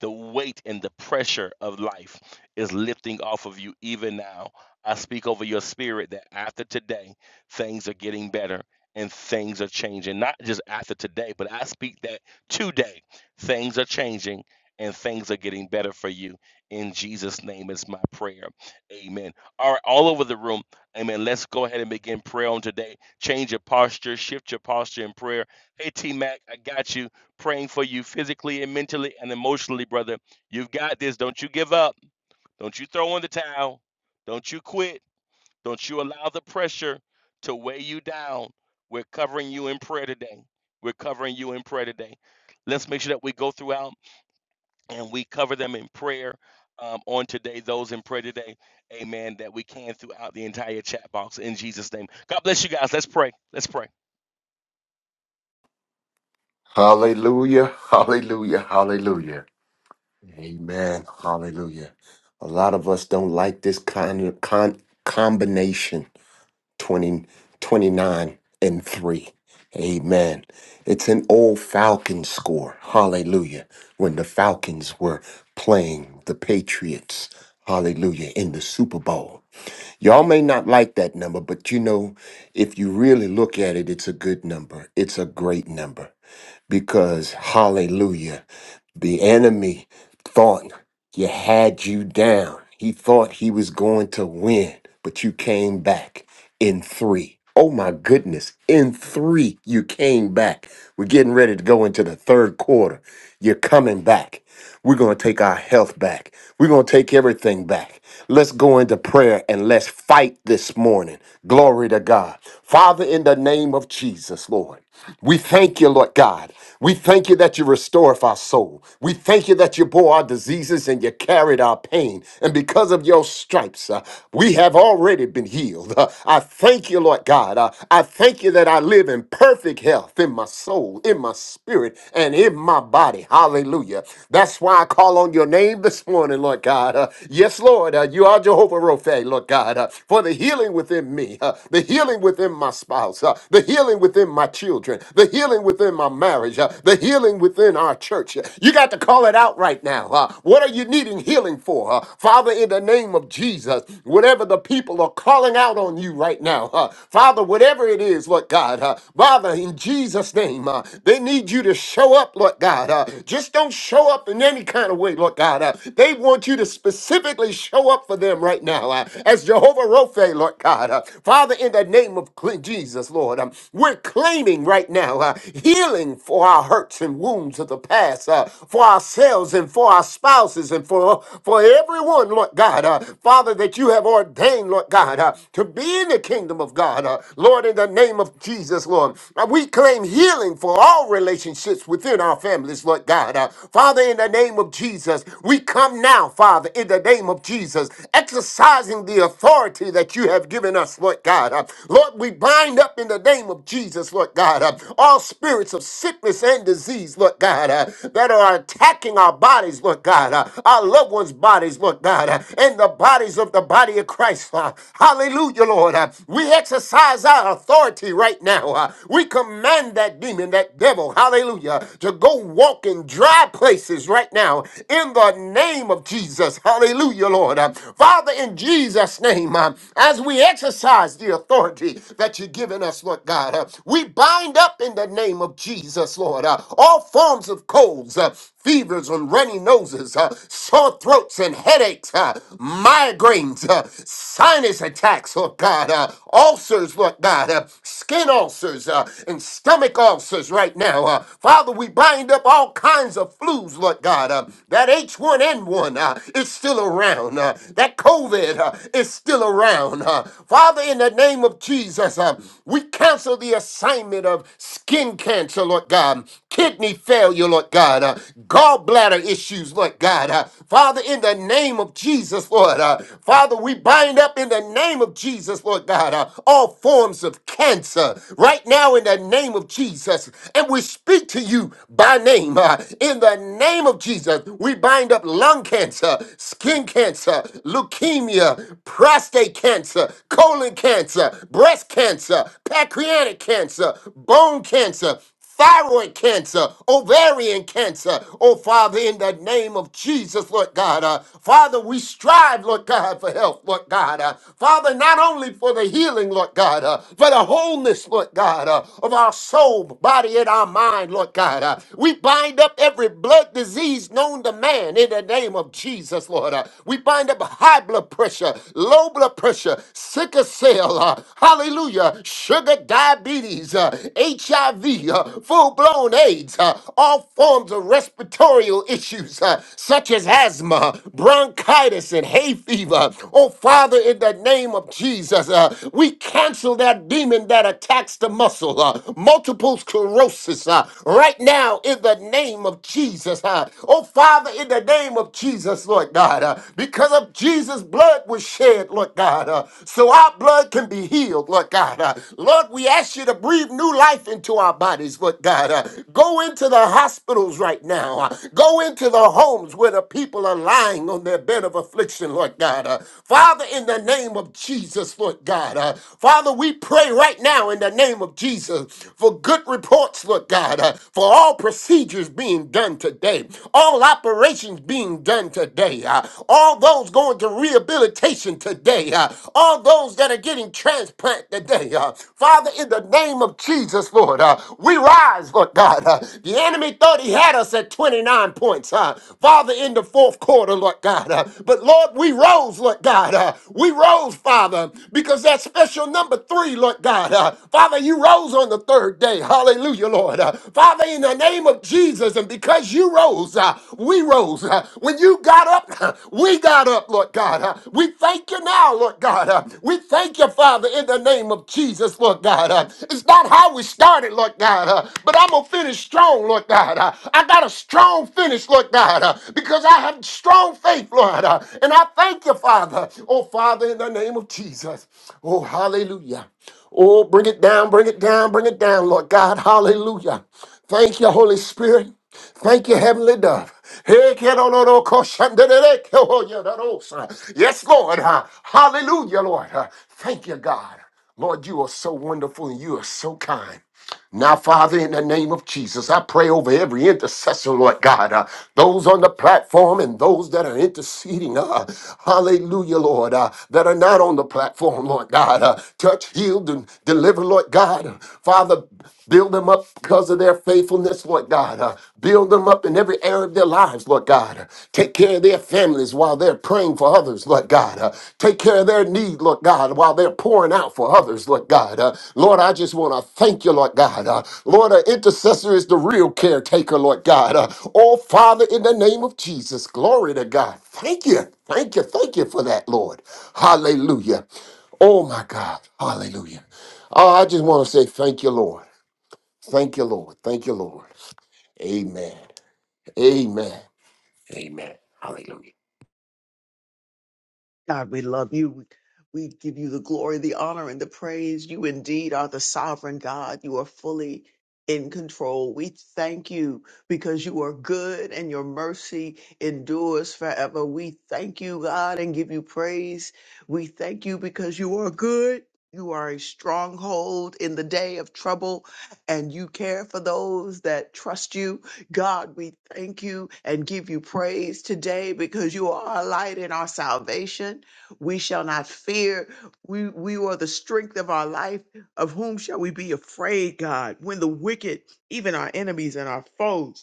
Speaker 3: the weight and the pressure of life is lifting off of you even now. I speak over your spirit that after today, things are getting better and things are changing. Not just after today, but I speak that today, things are changing and things are getting better for you. In Jesus' name is my prayer. Amen. All right, all over the room. Amen. Let's go ahead and begin prayer on today. Change your posture, shift your posture in prayer. Hey, T Mac, I got you praying for you physically and mentally and emotionally, brother. You've got this. Don't you give up. Don't you throw in the towel. Don't you quit. Don't you allow the pressure to weigh you down. We're covering you in prayer today. We're covering you in prayer today. Let's make sure that we go throughout and we cover them in prayer um, on today, those in prayer today. Amen. That we can throughout the entire chat box in Jesus' name. God bless you guys. Let's pray. Let's pray.
Speaker 4: Hallelujah, hallelujah, hallelujah. Amen, hallelujah. A lot of us don't like this kind of con- combination 20 29 and 3. Amen. It's an old Falcons score. Hallelujah. When the Falcons were playing the Patriots. Hallelujah. In the Super Bowl. Y'all may not like that number, but you know, if you really look at it, it's a good number. It's a great number because hallelujah, the enemy thought you had you down. He thought he was going to win, but you came back in three. Oh my goodness, in three, you came back. We're getting ready to go into the third quarter. You're coming back. We're going to take our health back. We're going to take everything back. Let's go into prayer and let's fight this morning. Glory to God. Father, in the name of Jesus, Lord. We thank you, Lord God. We thank you that you restore our soul. We thank you that you bore our diseases and you carried our pain. And because of your stripes, uh, we have already been healed. Uh, I thank you, Lord God. Uh, I thank you that I live in perfect health in my soul, in my spirit, and in my body. Hallelujah. That's why I call on your name this morning, Lord God. Uh, yes, Lord, uh, you are Jehovah Rophe, Lord God, uh, for the healing within me, uh, the healing within my spouse. uh, uh, the healing within my children, the healing within my marriage, uh, the healing within our church. You got to call it out right now. uh, what are you needing healing for? uh, Father, in the name of Jesus, whatever the people are calling out on you right now, uh, Father, whatever it is, Lord God, uh, Father, in Jesus' name, uh, they need you to show up, Lord God. uh, just don't show up in any kind of way, Lord God. uh, they want you to specifically show up for them right now uh, as Jehovah Rophe, Lord God. uh, Father, in the in the name of Cle- Jesus, Lord. Um, we're claiming right now uh, healing for our hurts and wounds of the past, uh, for ourselves and for our spouses and for, for everyone, Lord God. Uh, Father, that you have ordained, Lord God, uh, to be in the kingdom of God. Uh, Lord, in the name of Jesus, Lord. Uh, we claim healing for all relationships within our families, Lord God. Uh, Father, in the name of Jesus, we come now, Father, in the name of Jesus, exercising the authority that you you have given us, Lord God. Uh, Lord, we bind up in the name of Jesus, Lord God, uh, all spirits of sickness and disease, Lord God, uh, that are attacking our bodies, Lord God, uh, our loved ones' bodies, Lord God, uh, and the bodies of the body of Christ. uh, Hallelujah, Lord. uh, We exercise our authority right now. uh, We command that demon, that devil, hallelujah, to go walk in dry places right now in the name of Jesus. Hallelujah, Lord. Uh, Father, in Jesus' name, um, as we exercise the authority that you've given us, Lord God, uh, we bind up in the name of Jesus, Lord, uh, all forms of colds, uh, fevers, and runny noses, uh, sore throats, and headaches, uh, migraines, uh, sinus attacks, Lord God, uh, ulcers, Lord God, uh, skin ulcers, uh, and stomach ulcers right now. Uh, Father, we bind up all kinds of flus, Lord God. Uh, that H1N1 uh, is still around around. uh, that COVID uh, is still around. uh. Father, in the name of Jesus, uh, we cancel the assignment of skin cancer, Lord God, kidney failure, Lord God, uh, gallbladder issues, Lord God. uh. Father, in the name of Jesus, Lord, uh, Father, we bind up in the name of Jesus, Lord God, uh, all forms of cancer right now in the name of Jesus. And we speak to you by name. uh, in the name of Jesus, we bind up lung lung cancer, skin cancer, leukemia, prostate cancer, colon cancer, breast cancer, pancreatic cancer, bone cancer, thyroid cancer, ovarian cancer. Oh, Father, in the name of Jesus, Lord God. uh, Father, we strive, Lord God, for health, Lord God. uh, Father, not only for the healing, Lord God, uh, for the wholeness, Lord God, uh, of our soul, body, and our mind, Lord God. uh, we bind up every blood disease disease known to man in the name of Jesus, Lord. Uh, we bind up high blood pressure, low blood pressure, sickle cell, uh, hallelujah, sugar diabetes, uh, HIV, uh, full blown AIDS, uh, all forms of respiratory issues uh, such as asthma, bronchitis, and hay fever. Oh, Father, in the name of Jesus, uh, we cancel that demon that attacks the muscle, uh, multiple sclerosis, uh, right now in the name name of Jesus. huh? Oh, Father, in the name of Jesus, Lord God, uh, because of Jesus' blood was shed, Lord God, uh, so our blood can be healed, Lord God. uh. Lord, we ask you to breathe new life into our bodies, Lord God. uh. Go into the hospitals right now. uh. Go into the homes where the people are lying on their bed of affliction, Lord God. uh. Father, in the name of Jesus, Lord God. uh, Father, we pray right now in the name of Jesus for good reports, Lord God. God, uh, for all procedures being done today, all operations being done today, uh, all those going to rehabilitation today, uh, all those that are getting transplant today. uh, Father, in the name of Jesus, Lord, uh, we rise, Lord God. uh, the enemy thought he had us at 29 points, uh, Father, in the fourth quarter, Lord God. uh, but Lord, we rose, Lord God. uh, we rose, Father, because that special number three, Lord God. uh, Father, you rose on the third today. Hallelujah, Lord. Uh, Father, in the name of Jesus, and because you rose, uh, we rose. Uh, when you got up, uh, we got up, Lord God. Uh, we thank you now, Lord God. Uh, we thank you, Father, in the name of Jesus, Lord God. Uh, it's not how we started, Lord God, uh, but I'm going to finish strong, Lord God. Uh, I got a strong finish, Lord God, uh, because I have strong faith, Lord. Uh, and I thank you, Father. Oh, Father, in the name of Jesus. Oh, hallelujah. Oh, bring it down, bring it down, bring it down, Lord God. Hallelujah. Thank you, Holy Spirit. Thank you, Heavenly Dove. Hey, kiddo, no, no, oh, yeah, Yes, Lord. huh? Hallelujah, Lord. huh? Thank you, God. Lord, you are so wonderful and you are so kind. Now, Father, in the name of Jesus, I pray over every intercessor, Lord God, uh, those on the platform and those that are interceding. Uh, hallelujah, Lord, uh, that are not on the platform, Lord God. Uh, touch, heal, and deliver, Lord God. Father, build them up because of their faithfulness, Lord God. Uh, build them up in every area of their lives, Lord God. God. Take care of their families while they're praying for others, Lord God. Uh, Take care of their need, Lord God, while they're pouring out for others, Lord God. Uh, Lord, I just want to thank you, Lord God. Uh, Lord, an intercessor is the real caretaker, Lord God. Uh, Oh, Father, in the name of Jesus, glory to God. Thank you. Thank you. Thank you for that, Lord. Hallelujah. Oh, my God. Hallelujah. Oh, I just want to say thank you, Lord. Thank you, Lord. Thank you, Lord. Amen. Amen. Amen. Hallelujah.
Speaker 5: God, we love you. We we give you the glory, the honor, and the praise. You indeed are the sovereign God. You are fully in control. We thank you because you are good and your mercy endures forever. We thank you, God, and give you praise. We thank you because you are good. You are a stronghold in the day of trouble, and you care for those that trust you. God, we thank you and give you praise today because you are our light and our salvation. We shall not fear. We, we are the strength of our life. Of whom shall we be afraid, God, when the wicked, even our enemies and our foes,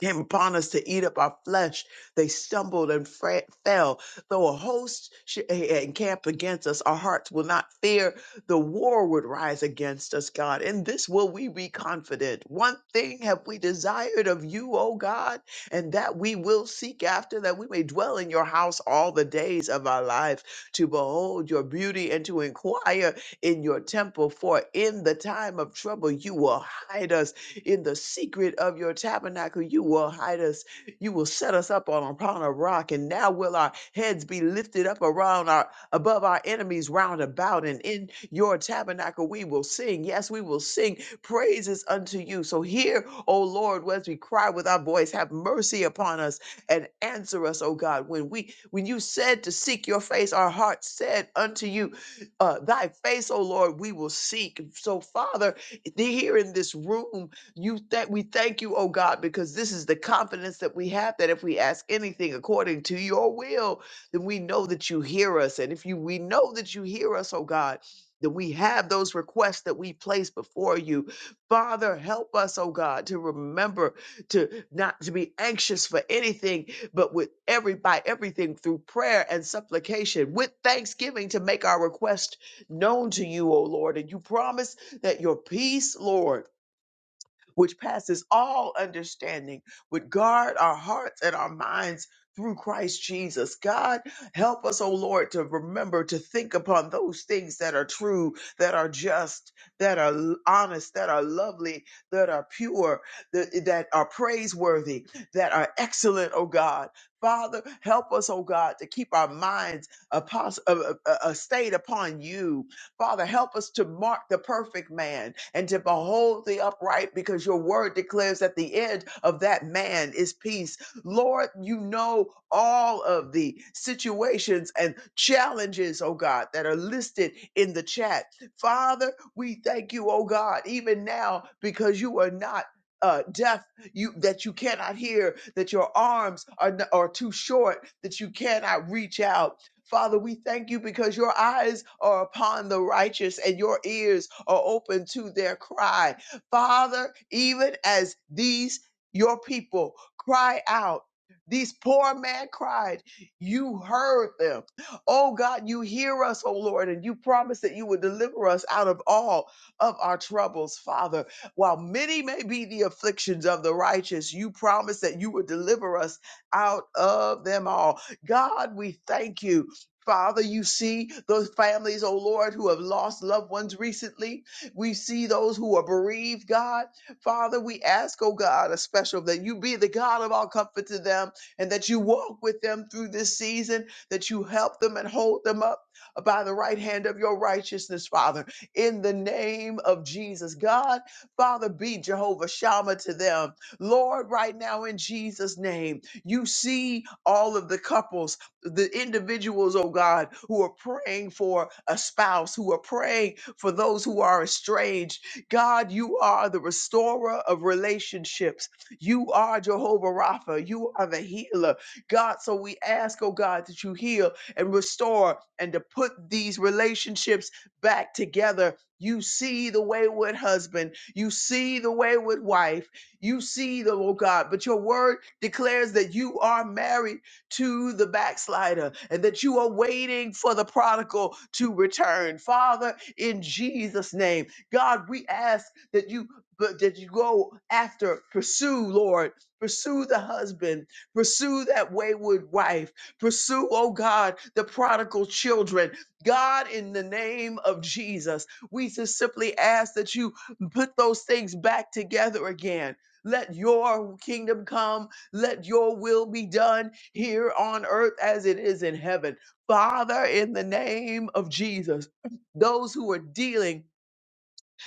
Speaker 5: came upon us to eat up our flesh. They stumbled and fra- fell. Though a host sh- eh, eh, encamp against us, our hearts will not fear. The war would rise against us, God. In this will we be confident. One thing have we desired of you, O God, and that we will seek after, that we may dwell in your house all the days of our lives, to behold your beauty and to inquire in your temple. For in the time of trouble, you will hide us in the secret of your tabernacle. You will hide us. You will set us up on upon a rock, and now will our heads be lifted up around our above our enemies round about. And in your tabernacle we will sing. Yes, we will sing praises unto you. So hear, O Lord, as we cry with our voice, have mercy upon us and answer us, O God. When we when you said to seek your face, our heart said unto you, uh, thy face, O Lord, we will seek. So, Father, here in this room you that we thank you, oh God, because this is the confidence that we have that if we ask anything according to your will, then we know that you hear us. And if you we know that you hear us, oh God, that we have those requests that we place before you. Father, help us, oh God, to remember to not to be anxious for anything, but with every by everything through prayer and supplication, with thanksgiving to make our request known to you, O Lord. And you promise that your peace, Lord which passes all understanding, would guard our hearts and our minds through Christ Jesus. God, help us, O Lord, to remember to think upon those things that are true, that are just, that are l- honest, that are lovely, that are pure, that, that are praiseworthy, that are excellent, O God. Father, help us, O God, to keep our minds a, pos- a, a, a a stayed upon you Father, help us to mark the perfect man and to behold the upright because your word declares that the end of that man is peace. Lord, you know all of the situations and challenges, oh God, that are listed in the chat. Father, we thank you, oh God, even now because you are not uh, deaf, you that you cannot hear, that your arms are, n- are too short, that you cannot reach out. Father, we thank you because your eyes are upon the righteous and your ears are open to their cry. Father, even as these your people cry out, these poor man cried, you heard them. Oh God, you hear us, oh Lord, and you promise that you would deliver us out of all of our troubles, Father. While many may be the afflictions of the righteous, you promise that you would deliver us out of them all. God, we thank you Father, you see those families, oh Lord, who have lost loved ones recently. We see those who are bereaved, God. Father, we ask, oh God, a special that you be the God of all comfort to them and that you walk with them through this season, that you help them and hold them up by the right hand of your righteousness, Father, in the name of Jesus. God, Father, be Jehovah Shammah to them. Lord, right now in Jesus' name, you see all of the couples the individuals, oh God, who are praying for a spouse, who are praying for those who are estranged. God, you are the restorer of relationships. You are Jehovah Rapha. You are the healer. God, so we ask, oh God, that you heal and restore and to put these relationships back together. You see the wayward husband. You see the wayward wife. You see the, oh God, but your word declares that you are married to the backslider and that you are waiting for the prodigal to return. Father, in Jesus' name, God, we ask that you that you go after, pursue, Lord, pursue the husband, pursue that wayward wife, pursue, oh God, the prodigal children. God, in the name of Jesus, we just simply ask that you put those things back together again. Let your kingdom come let your will be done here on earth as it is in heaven. Father, in the name of Jesus, those who are dealing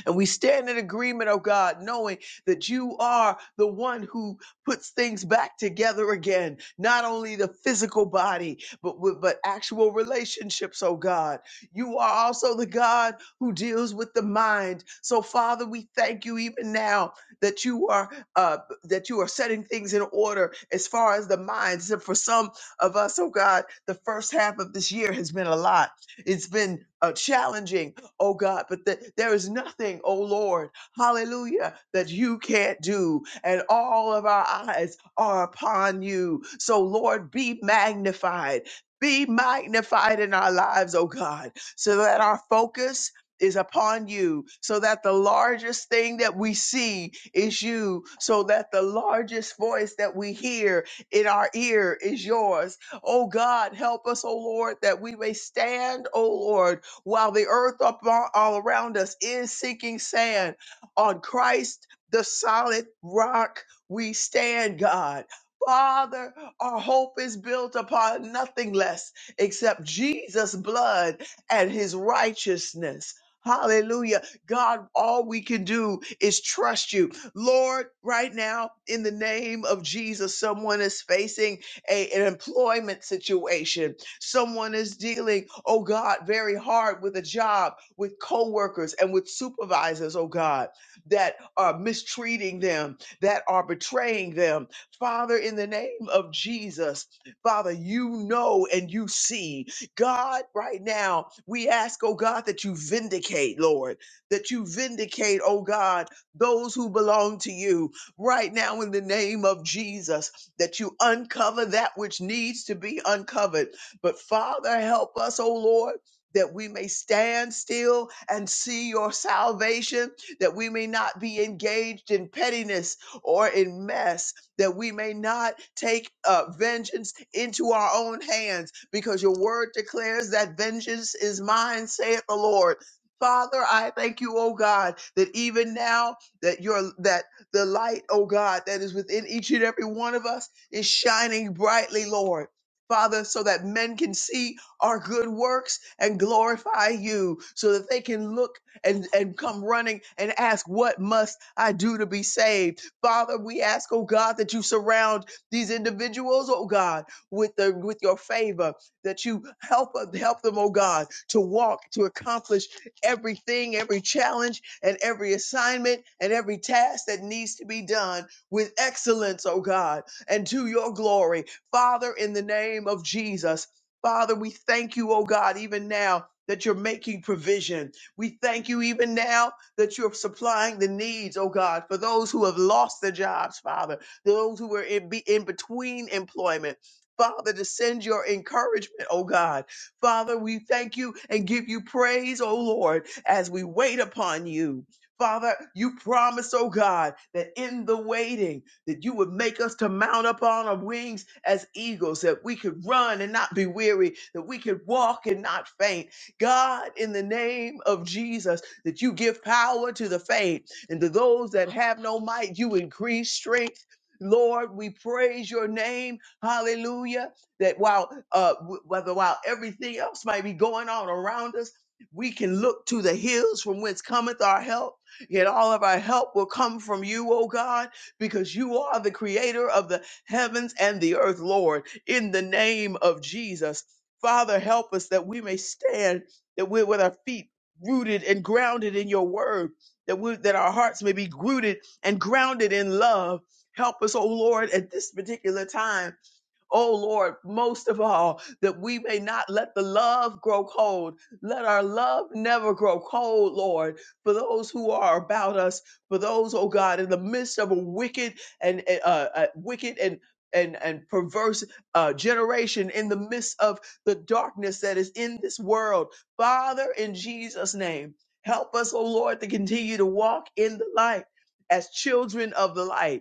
Speaker 5: and we stand in agreement, oh God, knowing that you are the one who puts things back together again, not only the physical body, but, with- but actual relationships, oh God. You are also the God who deals with the mind. So Father, we thank you even now that you are uh, that you are setting things in order as far as the minds. And for some of us, oh God, the first half of this year has been a lot. It's been uh, challenging oh God, but that there is nothing, oh Lord, hallelujah, that you can't do. And all of our eyes are upon you. So, Lord, be magnified. Be magnified in our lives, oh God, so that our focus is upon you, so that the largest thing that we see is you, so that the largest voice that we hear in our ear is yours. Oh God, help us, oh Lord, that we may stand, oh Lord, while the earth up all, all around us is sinking sand. On Christ, the solid rock, we stand, God. Father, our hope is built upon nothing less except Jesus' blood and his righteousness. Hallelujah. God, all we can do is trust you. Lord, right now, in the name of Jesus, someone is facing a- an employment situation Someone is dealing, oh God, very hard with a job, with coworkers and with supervisors, oh God, that are mistreating them, that are betraying them. Father, in the name of Jesus, Father, you know and you see. God, right now, we ask, oh God, that you vindicate, Lord, that you vindicate, oh God, those who belong to you right now in the name of Jesus, that you uncover that which needs to be uncovered but Father, help us, O Lord. That we may stand still and see your salvation, that we may not be engaged in pettiness or in mess, that we may not take uh, vengeance into our own hands, because your word declares that vengeance is mine, saith the Lord. Father, I thank you, O God, that even now that your that the light, O God, that is within each and every one of us is shining brightly, Lord. Father, so that men can see our good works and glorify you, so that they can look and, and come running and ask, What must I do to be saved? Father, we ask, oh God, that you surround these individuals, oh God, with the with your favor, that you help help them, oh God, to walk, to accomplish everything, every challenge and every assignment and every task that needs to be done with excellence, oh God, and to your glory. Father, in the name of Jesus, Father, we thank you, oh God, even now that you're making provision. We thank you even now that you're supplying the needs, oh God, for those who have lost their jobs, Father, those who are in, be, in between employment. Father, to send your encouragement, oh God. Father, we thank you and give you praise, oh Lord, as we wait upon you. Father, you promised, oh God, that in the waiting, that you would make us to mount up on our wings as eagles, that we could run and not be weary, that we could walk and not faint. God, in the name of Jesus, that you give power to the faint and to those that have no might, you increase strength. Lord, we praise your name. Hallelujah. That while uh w- whether while everything else might be going on around us, we can look to the hills from whence cometh our help Yet all of our help will come from you, O God, because you are the creator of the heavens and the earth, Lord, in the name of Jesus. Father, help us that we may stand, that we're with our feet rooted and grounded in your word, that we that our hearts may be rooted and grounded in love. Help us, O Lord, at this particular time Oh Lord, most of all, that we may not let the love grow cold. Let our love never grow cold, Lord, for those who are about us, for those, oh God, in the midst of a wicked and uh, uh, wicked and and and perverse uh, generation in the midst of the darkness that is in this world. Father, in Jesus' name, help us, oh Lord, to continue to walk in the light as children of the light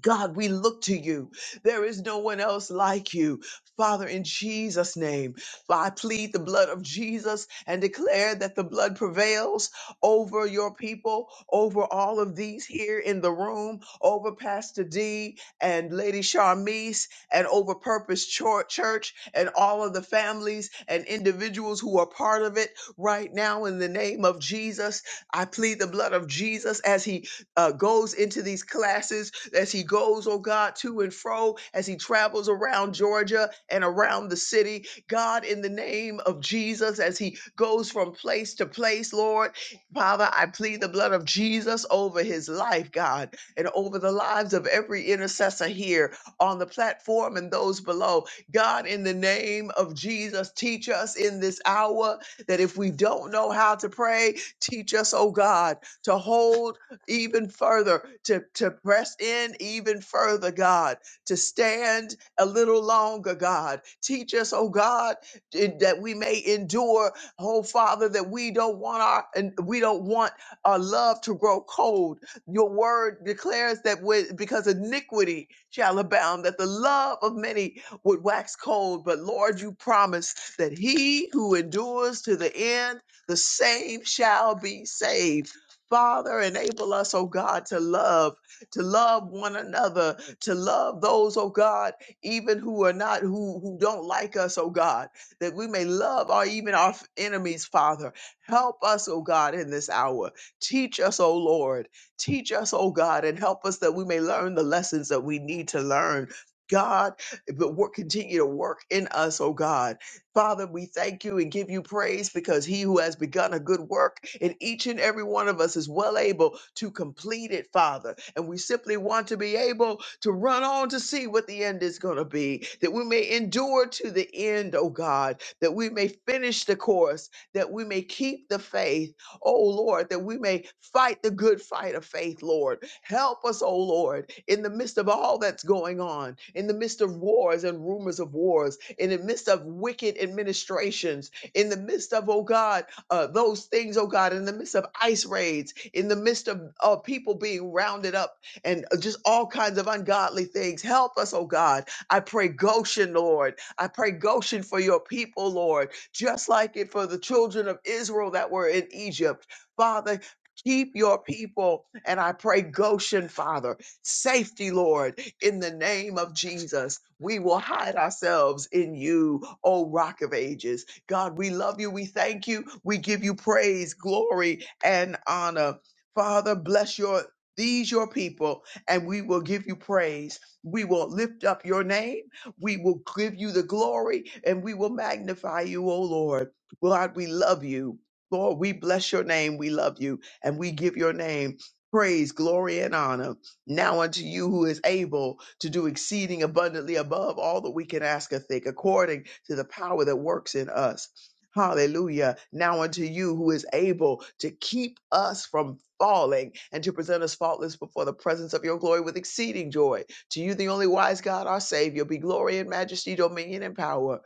Speaker 5: God, we look to you. There is no one else like you. Father, in Jesus' name, I plead the blood of Jesus and declare that the blood prevails over your people, over all of these here in the room, over Pastor D and Lady Charmise, and over Purpose Chor- Church and all of the families and individuals who are part of it right now in the name of Jesus. I plead the blood of Jesus as he uh, goes into these classes as he goes, oh God, to and fro, as he travels around Georgia and around the city. God, in the name of Jesus, as he goes from place to place, Lord, Father, I plead the blood of Jesus over his life, God, and over the lives of every intercessor here on the platform and those below. God, in the name of Jesus, teach us in this hour that if we don't know how to pray, teach us, oh God, to hold even further, to, to press in even further, God, to stand a little longer, God. Teach us, oh God, in- that we may endure, oh Father, that we don't want our and we don't want our love to grow cold. Your word declares that when, because iniquity shall abound, that the love of many would wax cold. But Lord, you promise that he who endures to the end, the same shall be saved. Father, enable us, oh God, to love, to love one another, to love those, oh God, even who are not, who, who don't like us, oh God, that we may love our even our enemies, Father. Help us, oh God, in this hour. Teach us, oh Lord. Teach us, oh God, and help us that we may learn the lessons that we need to learn. God, but work continue to work in us, oh God. Father, we thank you and give you praise because he who has begun a good work in each and every one of us is well able to complete it, Father. And we simply want to be able to run on to see what the end is going to be, that we may endure to the end, oh God, that we may finish the course, that we may keep the faith, oh Lord, that we may fight the good fight of faith, Lord. Help us, O Lord, in the midst of all that's going on, in the midst of wars and rumors of wars, in the midst of wicked administrations, in the midst of, oh God, uh, those things, oh God, in the midst of ice raids, in the midst of uh, people being rounded up and uh, just all kinds of ungodly things. Help us, oh God. I pray Goshen, Lord. I pray Goshen for your people, Lord, just like it for the children of Israel that were in Egypt. Father, Keep your people. And I pray, Goshen, Father, safety, Lord, in the name of Jesus. We will hide ourselves in you, O Rock of Ages. God, we love you. We thank you. We give you praise, glory, and honor. Father, bless your these your people, and we will give you praise. We will lift up your name. We will give you the glory, and we will magnify you, O Lord. God, we love you. Lord, we bless your name. We love you. And we give your name praise, glory, and honor now unto you who is able to do exceeding abundantly above all that we can ask or think, according to the power that works in us. Hallelujah. Now unto you who is able to keep us from falling and to present us faultless before the presence of your glory with exceeding joy. To you, the only wise God, our Savior, be glory and majesty, dominion and power,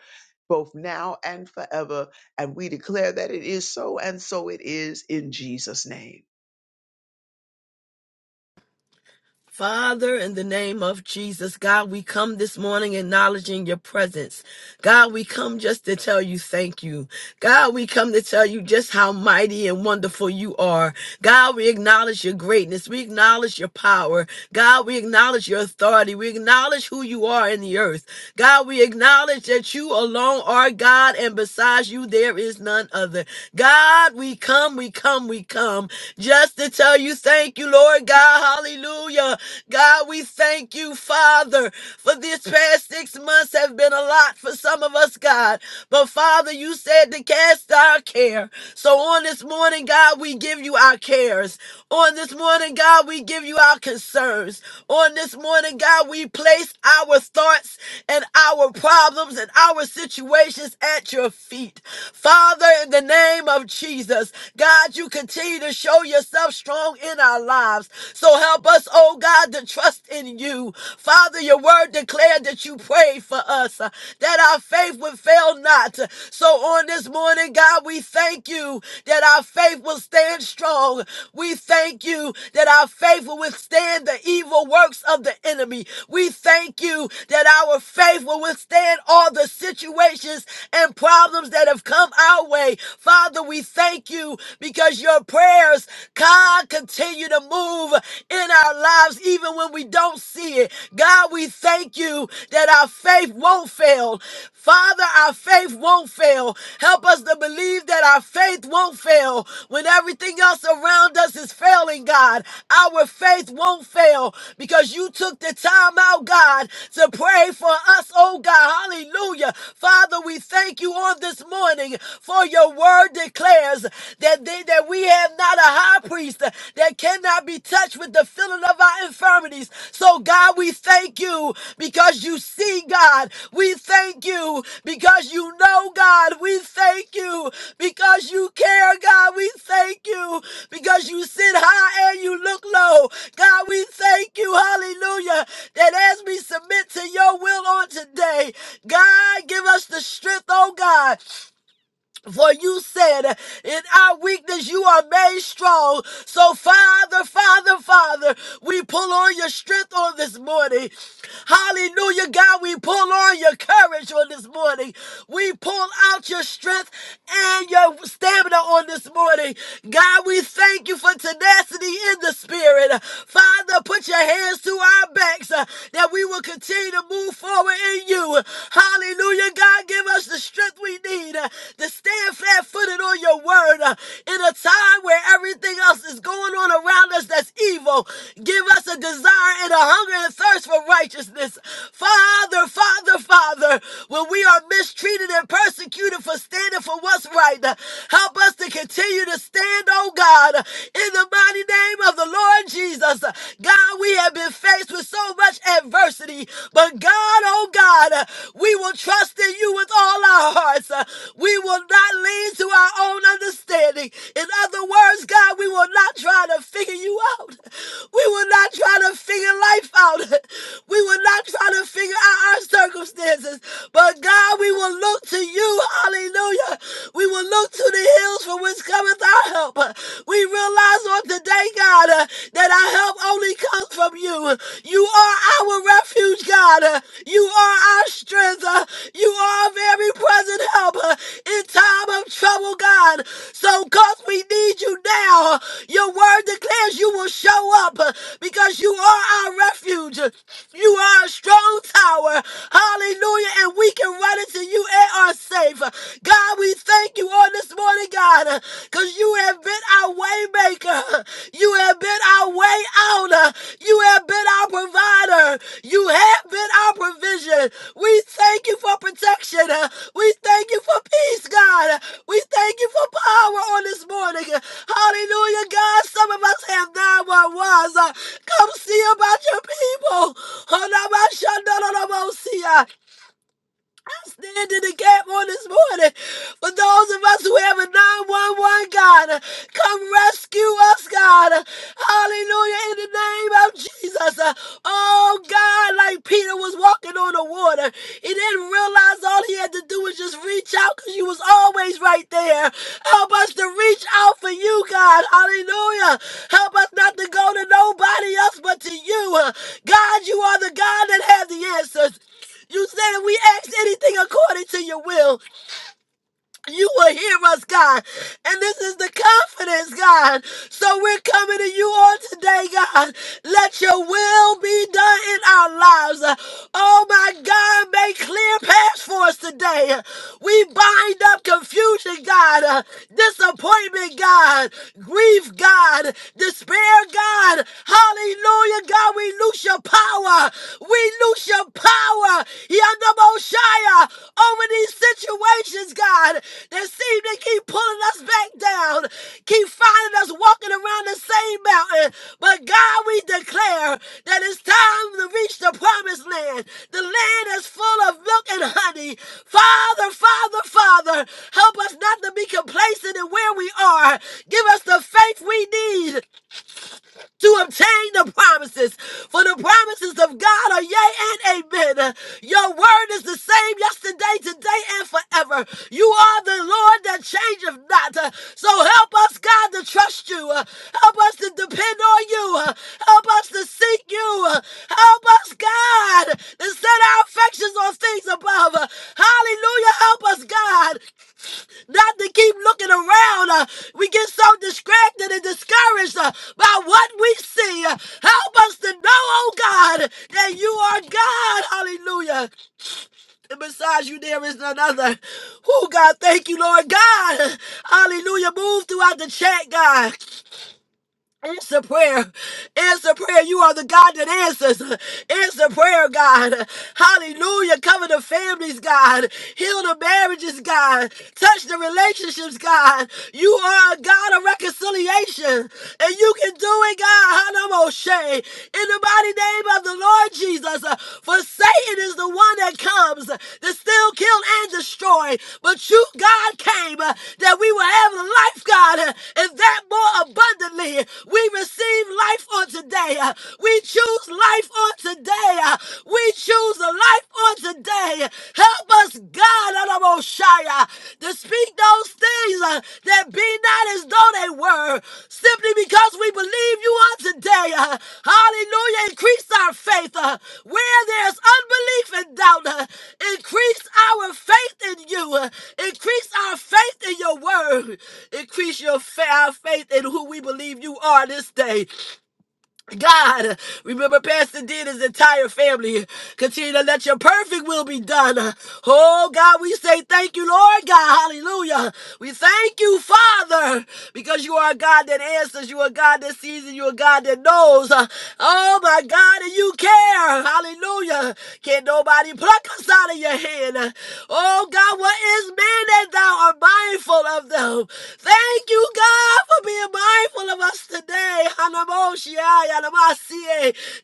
Speaker 5: both now and forever. And we declare that it is so, and so it is in Jesus' name.
Speaker 6: Father, in the name of Jesus, God, we come this morning acknowledging your presence. God, we come just to tell you thank you. God, we come to tell you just how mighty and wonderful you are. God, we acknowledge your greatness. We acknowledge your power. God, we acknowledge your authority. We acknowledge who you are in the earth. God, we acknowledge that you alone are God, and besides you, there is none other. God, we come, we come, we come just to tell you thank you, Lord God. Hallelujah. God, we thank you, Father, for these past six months have been a lot for some of us, God. But Father, you said to cast our care. So on this morning, God, we give you our cares. On this morning, God, we give you our concerns. On this morning, God, we place our thoughts and our problems and our situations at your feet. Father, in the name of Jesus, God, you continue to show yourself strong in our lives. So help us, oh God, to trust in you. Father, your word declared that you prayed for us, uh, that our faith would fail not. So on this morning, God, we thank you that our faith will stand strong. We thank you that our faith will withstand the evil works of the enemy. We thank you that our faith will withstand all the situations and problems that have come our way. Father, we thank you because your prayers, God, continue to move move in our lives even when we don't see it. God, we thank you that our faith won't fail. Father, our faith won't fail. Help us to believe that our faith won't fail. When everything else around us is failing, God, our faith won't fail because you took the time out, God, to pray for us, oh God. Hallelujah. Father, we thank you on this morning for your word declares that there thee that we have not a high priest that cannot be touched with the feeling of our infirmities. So, God, we thank you because you see, God. We thank you because you know, God. We thank you because you care, God. We thank you because you sit high and you look low. God, we thank you, hallelujah, that as we submit to your will on today, God, give us the strength, oh God. For you said, in our weakness, you are made strong. So, Father, Father, Father, we pull on your strength on this morning. Hallelujah, God, we pull on your courage on this morning. We pull out your strength and your stamina on this morning. God, we thank you for tenacity in the spirit. Father, put your hands to our backs uh, that we will continue to move forward in you you. Hallelujah, God, give us the strength we need uh, to stand flat footed on your word uh, in a time where everything else is going on around us that's evil. Give us a desire and a hunger and thirst for righteousness. Father, Father, Father, when we are mistreated and persecuted for standing for what's right, uh, help us to continue to stand, oh God, uh, in the mighty name of the Lord Jesus. Uh, God, we have been been faced with so much adversity. But God, oh God, uh, we will trust in you with all our hearts. Uh, We will not lean to our own understanding. In other words, God, we will not try to figure you out. We will not try to figure life out. We will not try to figure out our circumstances. But God, we will look to you. Hallelujah. We will look to the hills from which cometh our help. We will realize on today, God, uh, that our help only comes from you. You are our refuge, God. Uh, You are our strength. Uh, You are a very present help uh, in time of trouble, God. So, because we need you now, uh, your word declares you will show up uh, because you are our refuge. You are a strong tower. Hallelujah. And we can run into you and are safe. God, we we thank you on this morning, God, because you have been our way maker. You have been our way out. uh, You have been our provider. You have been our provision. We thank you for protection. uh, We thank you for peace, God. We thank you for power on this morning. Hallelujah, God. Some of us have nine uh, Come see about your people. Oh, no, no, no, no, no, uh, I stand in the gap on this morning for those of us who have a 911, God. Come rescue us, God. Hallelujah, in the name of Jesus. Oh, God, like Peter was walking on the water. He didn't realize all he had to do was just reach out because you was always right there. Help us to reach out for you, God. Hallelujah. Help us not to go to nobody else but to you. God, you are the God that has the answers. You said if we ask anything according to your will, you will hear us, God. And this is the confidence, God. So we're coming to you on today, God. Let your will be done in our lives. Oh my God, make clear paths for us today. We bind up confusion, God, uh, disappointment, God, grief, God, despair, God. Hallelujah, God. We lose your power. We lose loose your power, Yandamoshia, over these situations, God, that seem to keep pulling us back down, keep finding us walking around the same mountain. But God, we declare that it's time to reach the promised land. The land is full of milk and honey. Father, Father, Father, help us not to be complacent in where we are. Give us the faith we need to obtain the promises. For the promises of God are yea and amen. Your word is the same yesterday, today, and forever. You are the Lord that changeth not. Uh, So help us, God, to trust you. Uh, Help us to depend on you. Uh, Help us to seek you. Uh, Help us, God, to set our affections on things above. Uh, Hallelujah. Help us, God not to keep looking around. Uh, we get so distracted and discouraged uh, by what we see. Uh, help us to know, oh God, that you are God. Hallelujah. And besides you, there is none other. Oh, God, thank you, Lord God. Hallelujah. Move throughout the chat, God. Answer prayer. Answer prayer. You are the God that answers. Answer prayer, God. Hallelujah. Cover the families, God. Heal the marriages, God. Touch the relationships, God. You are a God of reconciliation. And you can do it, God. Hanamoshe. In the mighty name of the Lord Jesus. uh, For Satan is the one that comes to steal, kill, and destroy. But you, God, came uh, that we will have life, God, uh, and that more abundantly. We receive life on today. uh, We choose life on today. uh, We choose a life on today. Help us, God to speak those things uh, that be not as though they were, simply because we believe you on today. uh, Hallelujah. Increase our faith. uh, Where there's unbelief and doubt, uh, increase our faith in you. uh, Increase our faith in your word. Increase your fa- our faith in who we believe you are this day. God, remember Pastor D and his entire family. Continue to let your perfect will be done. Oh God, we say thank you, Lord God. Hallelujah. We thank you, Father, because you are a God that answers. You are a God that sees and you are a God that knows. Oh my God, and you care. Hallelujah. Can nobody pluck us out of your hand? Oh God, what is man that thou art mindful of them? Thank you, God, for for being mindful of us today.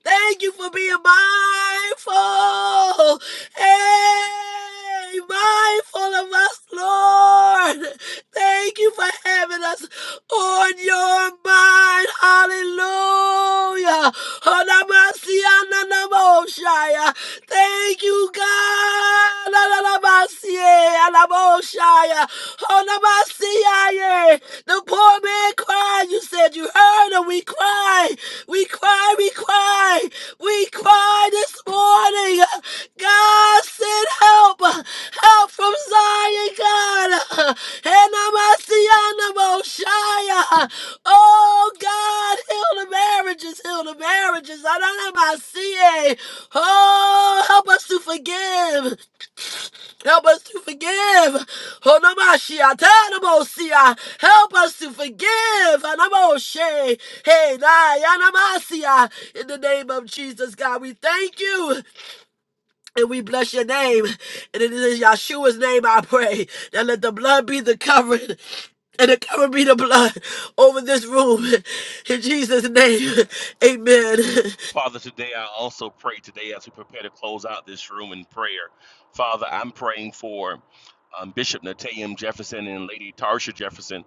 Speaker 6: Thank you for being mindful. Hey, mindful of us, Lord. Thank you for having us on your mind. Hallelujah. Hanamasia, Nanamoshia. Thank you, God. Nanamasie, Yanamoshia. Onamasiyah. The poor man cried. You said you heard him. We cried. We cried. We cried. We cried this morning. God send help. Help from Zion, God. Enamasiyanamoshaya. Oh, God, heal the marriages. Heal the marriages. Ananamasiye. Oh, help us to forgive. Help us to forgive. Onomashia, Tanamosia. Help us to forgive. Anamoshe. Hey, Nai, Anamasia. In the name of Jesus, God, we thank you and we bless your name. And it is in Yeshua's name I pray. Now let the blood be the covering. And it cover be the blood over this room. In Jesus' name, amen.
Speaker 3: Father, today I also pray today as we prepare to close out this room in prayer. Father, I'm praying for um, Bishop Nataim Jefferson and Lady Tarsha Jefferson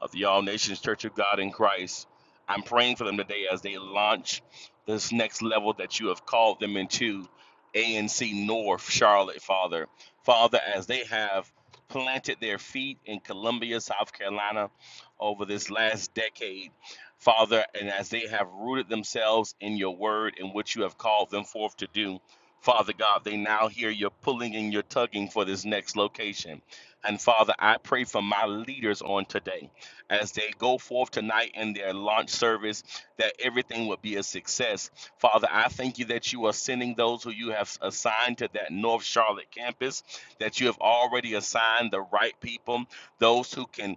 Speaker 3: of the All Nations Church of God in Christ. I'm praying for them today as they launch this next level that you have called them into, ANC North Charlotte, Father. Father, as they have planted their feet in Columbia, South Carolina over this last decade, Father, and as they have rooted themselves in your word and what you have called them forth to do, Father God, they now hear your pulling and your tugging for this next location. And Father, I pray for my leaders on today as they go forth tonight in their launch service that everything will be a success. Father, I thank you that you are sending those who you have assigned to that North Charlotte campus, that you have already assigned the right people, those who can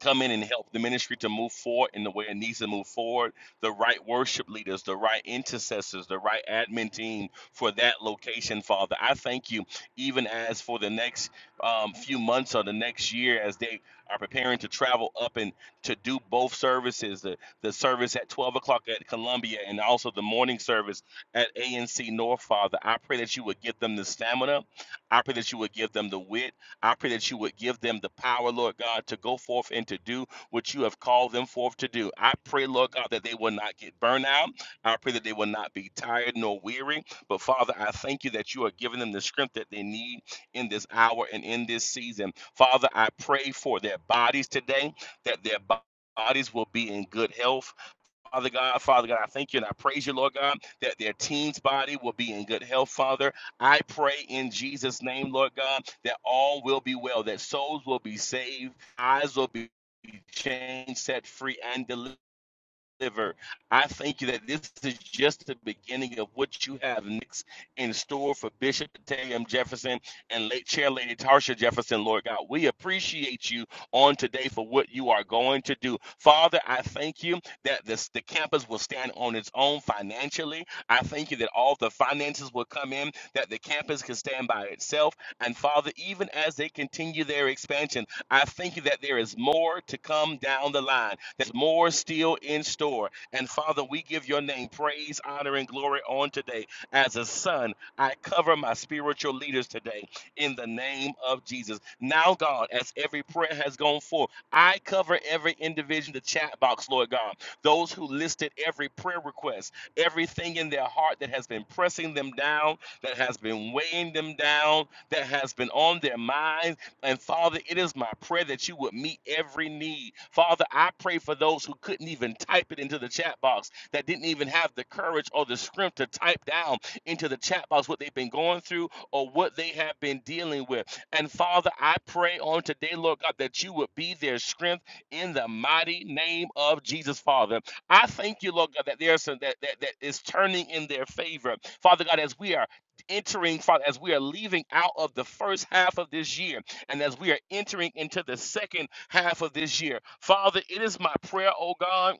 Speaker 3: come in and help the ministry to move forward in the way it needs to move forward. The right worship leaders, the right intercessors, the right admin team for that location, Father. I thank you, even as for the next um, few months or the next year, as they are preparing to travel up and to do both services the, the service at 12 o'clock at Columbia and also the morning service at ANC North, Father. I pray that you would give them the stamina. I pray that you would give them the wit. I pray that you would give them the power, Lord God, to go forth and to do what you have called them forth to do. I pray, Lord God, that they will not get burned out. I pray that they will not be tired nor weary. But Father, I thank you that you are giving them the strength that they need in this hour and in this season. Father, I pray for their bodies today, that their bo- Bodies will be in good health. Father God, Father God, I thank you and I praise you, Lord God, that their teens' body will be in good health, Father. I pray in Jesus' name, Lord God, that all will be well, that souls will be saved, eyes will be changed, set free, and delivered deliver. I thank you that this is just the beginning of what you have next in store for Bishop Tam Jefferson and late Chair Lady Tarsha Jefferson, Lord God. We appreciate you on today for what you are going to do. Father, I thank you that this, the campus will stand on its own financially. I thank you that all the finances will come in, that the campus can stand by itself. And Father, even as they continue their expansion, I thank you that there is more to come down the line. There's more still in store. And Father, we give your name praise, honor, and glory on today. As a son, I cover my spiritual leaders today in the name of Jesus. Now, God, as every prayer has gone forth, I cover every individual in the chat box, Lord God. Those who listed every prayer request, everything in their heart that has been pressing them down, that has been weighing them down, that has been on their minds and Father, it is my prayer that you would meet every need. Father, I pray for those who couldn't even type it into the chat box, that didn't even have the courage or the strength to type down into the chat box what they've been going through or what they have been dealing with. And Father, I pray on today, Lord God, that you would be their strength in the mighty name of Jesus, Father. I thank you, Lord God, that there's some that, that, that is turning in their favor. Father God, as we are entering, Father, as we are leaving out of the first half of this year. And as we are entering into the second half of this year, Father, it is my prayer, oh God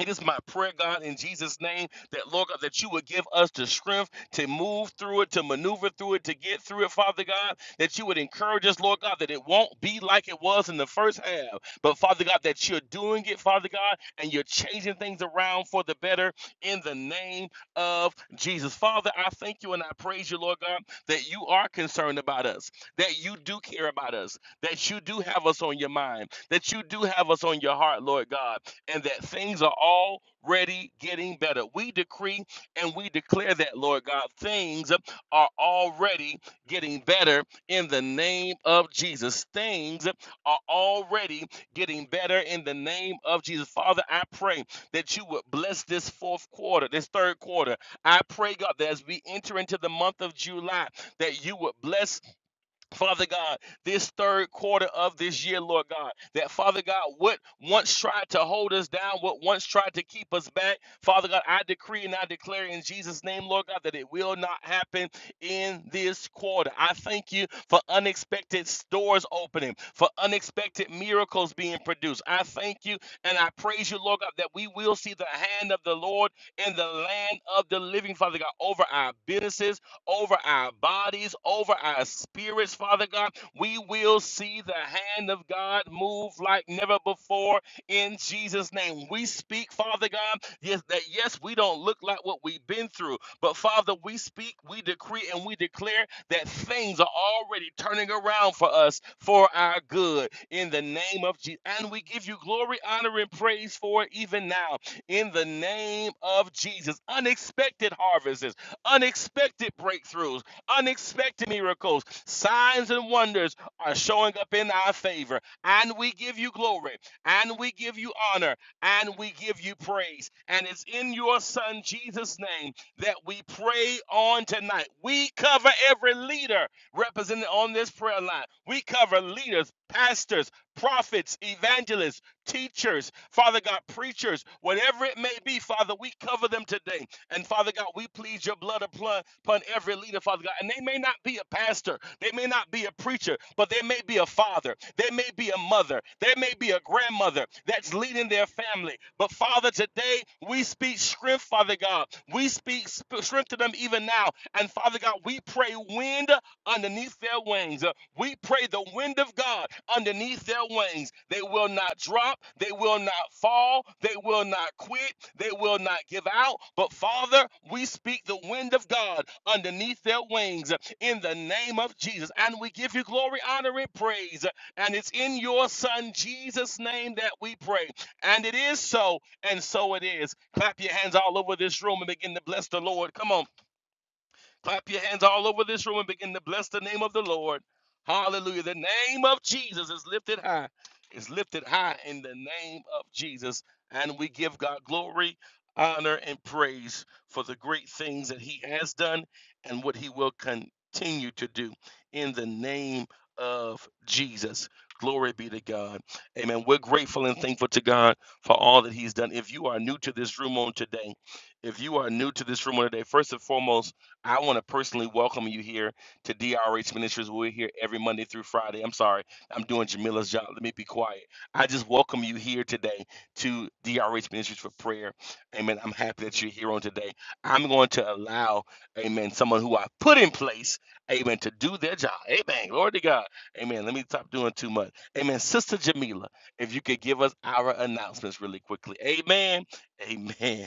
Speaker 3: it is my prayer, God, in Jesus' name, that Lord God, that you would give us the strength to move through it, to maneuver through it, to get through it, Father God, that you would encourage us, Lord God, that it won't be like it was in the first half. But Father God, that you're doing it, Father God, and you're changing things around for the better in the name of Jesus. Father, I thank you and I praise you, Lord God, that you are concerned about us, that you do care about us, that you do have us on your mind, that you do have us on your heart, Lord God and that things are already getting better. We decree and we declare that, Lord God, things are already getting better in the name of Jesus. Things are already getting better in the name of Jesus. Father, I pray that you would bless this fourth quarter, this third quarter. I pray, God, that as we enter into the month of July, that you would bless Father God, this third quarter of this year, Lord God, that Father God, what once tried to hold us down, what once tried to keep us back, Father God, I decree and I declare in Jesus' name, Lord God, that it will not happen in this quarter. I thank you for unexpected doors opening, for unexpected miracles being produced. I thank you and I praise you, Lord God, that we will see the hand of the Lord in the land of the living, Father God, over our businesses over our bodies, over our spirits, Father God. We will see the hand of God move like never before in Jesus' name. We speak, Father God, yes, that yes, we don't look like what we've been through, but Father, we speak, we decree, and we declare that things are already turning around for us for our good in the name of Jesus. And we give you glory, honor, and praise for it even now in the name of Jesus. Unexpected harvests unexpected breakthroughs, unexpected miracles, signs and wonders are showing up in our favor. And we give you glory, and we give you honor, and we give you praise. And it's in your Son Jesus' name that we pray on tonight. We cover every leader represented on this prayer line. We cover leaders, pastors, prophets, evangelists teachers, Father God, preachers, whatever it may be, Father, we cover them today. And Father God, we plead your blood upon, upon every leader, Father God. And they may not be a pastor, they may not be a preacher, but they may be a father, they may be a mother, they may be a grandmother that's leading their family. But Father, today we speak strength, Father God. We speak strength strengthen them even now. And Father God, we pray wind underneath their wings. Uh, We pray the wind of God underneath their wings. They will not drop. They will not fall. They will not quit. They will not give out. But Father, we speak the wind of God underneath their wings uh, in the name of Jesus. And we give you glory, honor, and praise. And it's in your Son, Jesus' name, that we pray. And it is so, and so it is. Clap your hands all over this room and begin to bless the Lord. Come on. Clap your hands all over this room and begin to bless the name of the Lord. Hallelujah. The name of Jesus is lifted high. Is lifted high in the name of Jesus. And we give God glory, honor, and praise for the great things that He has done and what He will continue to do in the name of Jesus. Glory be to God. Amen. We're grateful and thankful to God for all that He's done. If you are new to this room on today, if you are new to this room on today, first and foremost, I want to personally welcome you here to DRH Ministries. We're here every Monday through Friday. I'm sorry, I'm doing Jamila's job. Let me be quiet. I just welcome you here today to DRH Ministries for prayer. Amen. I'm happy that you're here on today. I'm going to allow, amen, someone who I put in place, amen, to do their job. Amen. Glory to God. Amen. Let me stop doing too much. Amen. Sister Jamila, if you could give us our announcements really quickly. Amen. Amen.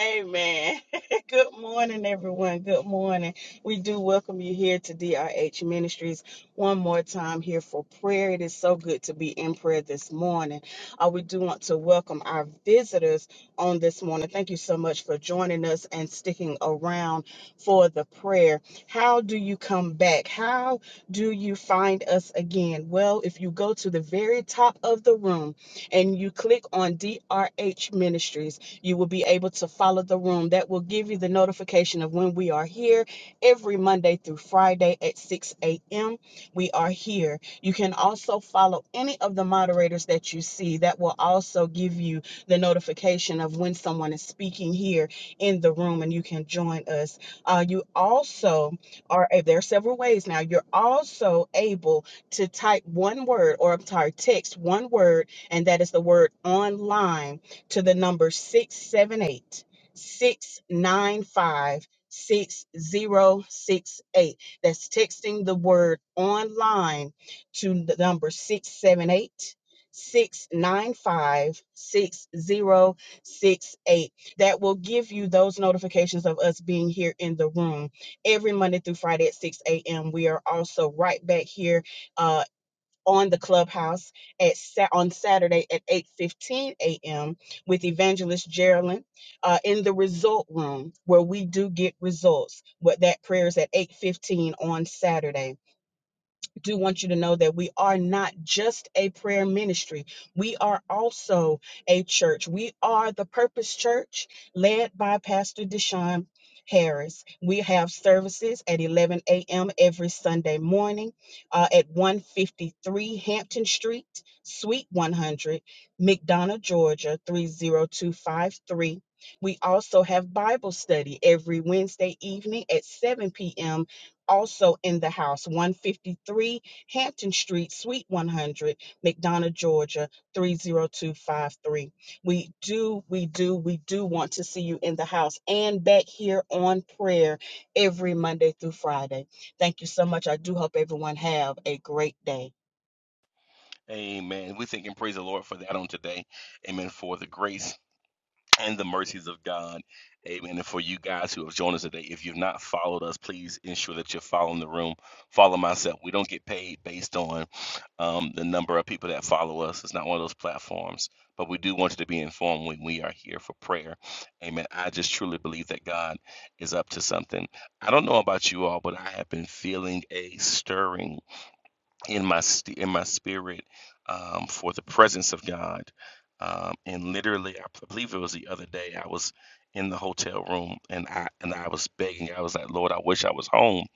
Speaker 7: Amen. <laughs> Good morning, everyone. Good morning. We do welcome you here to DRH Ministries one more time here for prayer. It is so good to be in prayer this morning. Uh, we do want to welcome our visitors on this morning. Thank you so much for joining us and sticking around for the prayer. How do you come back? How do you find us again? Well, if you go to the very top of the room and you click on DRH Ministries, you will be able to follow the room. That will give you the notification of when we are here every Monday through Friday at 6 a.m. We are here. You can also follow any of the moderators that you see. That will also give you the notification of when someone is speaking here in the room and you can join us. Uh, you also are, eh, there are several ways now. You're also able to type one word or I'm sorry, text one word, and that is the word online to the number 678 695 6068. That's texting the word online to the number six seven eight six nine five six zero six eight. That will give you those notifications of us being here in the room every Monday through Friday at 6 a.m. We are also right back here uh, on the clubhouse at Sa- on Saturday at 8:15 a.m. with Evangelist Geraldine uh, in the result room where we do get results. What that prayer is at 8:15 on Saturday do want you to know that we are not just a prayer ministry. We are also a church. We are the Purpose Church led by Pastor Deshaun Harris. We have services at 11 a.m. every Sunday morning uh, at 153 Hampton Street, Suite 100, McDonough, Georgia 30253. We also have Bible study every Wednesday evening at 7 p.m also in the house, 153 Hampton Street, Suite 100, McDonough, Georgia, 30253. We do, we do, we do want to see you in the house and back here on prayer every Monday through Friday. Thank you so much. I do hope everyone have a great day.
Speaker 3: Amen. We thank and praise the Lord for that on today. Amen. For the grace and the mercies of God. Amen. And for you guys who have joined us today, if you've not followed us, please ensure that you're following the room. Follow myself. We don't get paid based on um, the number of people that follow us. It's not one of those platforms, but we do want you to be informed when we are here for prayer. Amen. I just truly believe that God is up to something. I don't know about you all, but I have been feeling a stirring in my st- in my spirit um, for the presence of God. Um, and literally, I p- believe it was the other day, I was in the hotel room and I and I was begging. I was like, Lord, I wish I was home.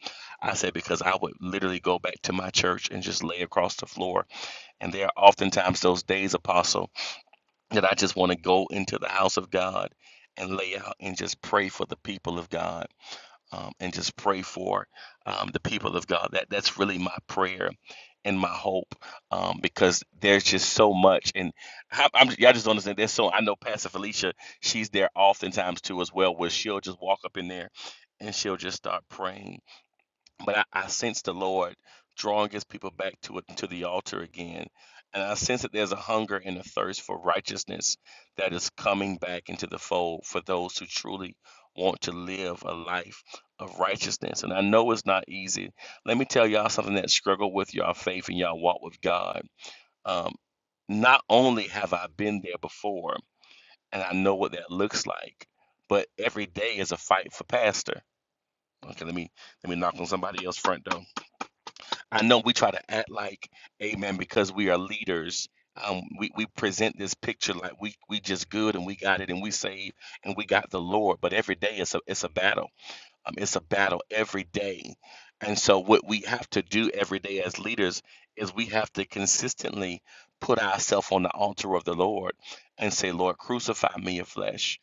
Speaker 3: I said because I would literally go back to my church and just lay across the floor. And there are oftentimes those days, Apostle, that I just want to go into the house of God and lay out and just pray for the people of God um, and just pray for um, the people of God. That that's really my prayer and my hope um, because there's just so much, and I, I'm, y'all just don't understand. There's so I know Pastor Felicia, she's there oftentimes too as well, where she'll just walk up in there and she'll just start praying but I, I sense the Lord drawing His people back to it to the altar again, and I sense that there's a hunger and a thirst for righteousness that is coming back into the fold for those who truly want to live a life of righteousness. And I know it's not easy. Let me tell y'all something that struggle with y'all faith and y'all walk with God. Um, not only have I been there before, and I know what that looks like, but every day is a fight for pastor. Okay, let me let me knock on somebody else's front door I know we try to act like, amen, because we are leaders. Um, we, we present this picture like we we just good and we got it and we saved and we got the Lord. But every day it's a it's a battle. Um, it's a battle every day. And so what we have to do every day as leaders is we have to consistently put ourselves on the altar of the Lord and say, Lord, crucify me in flesh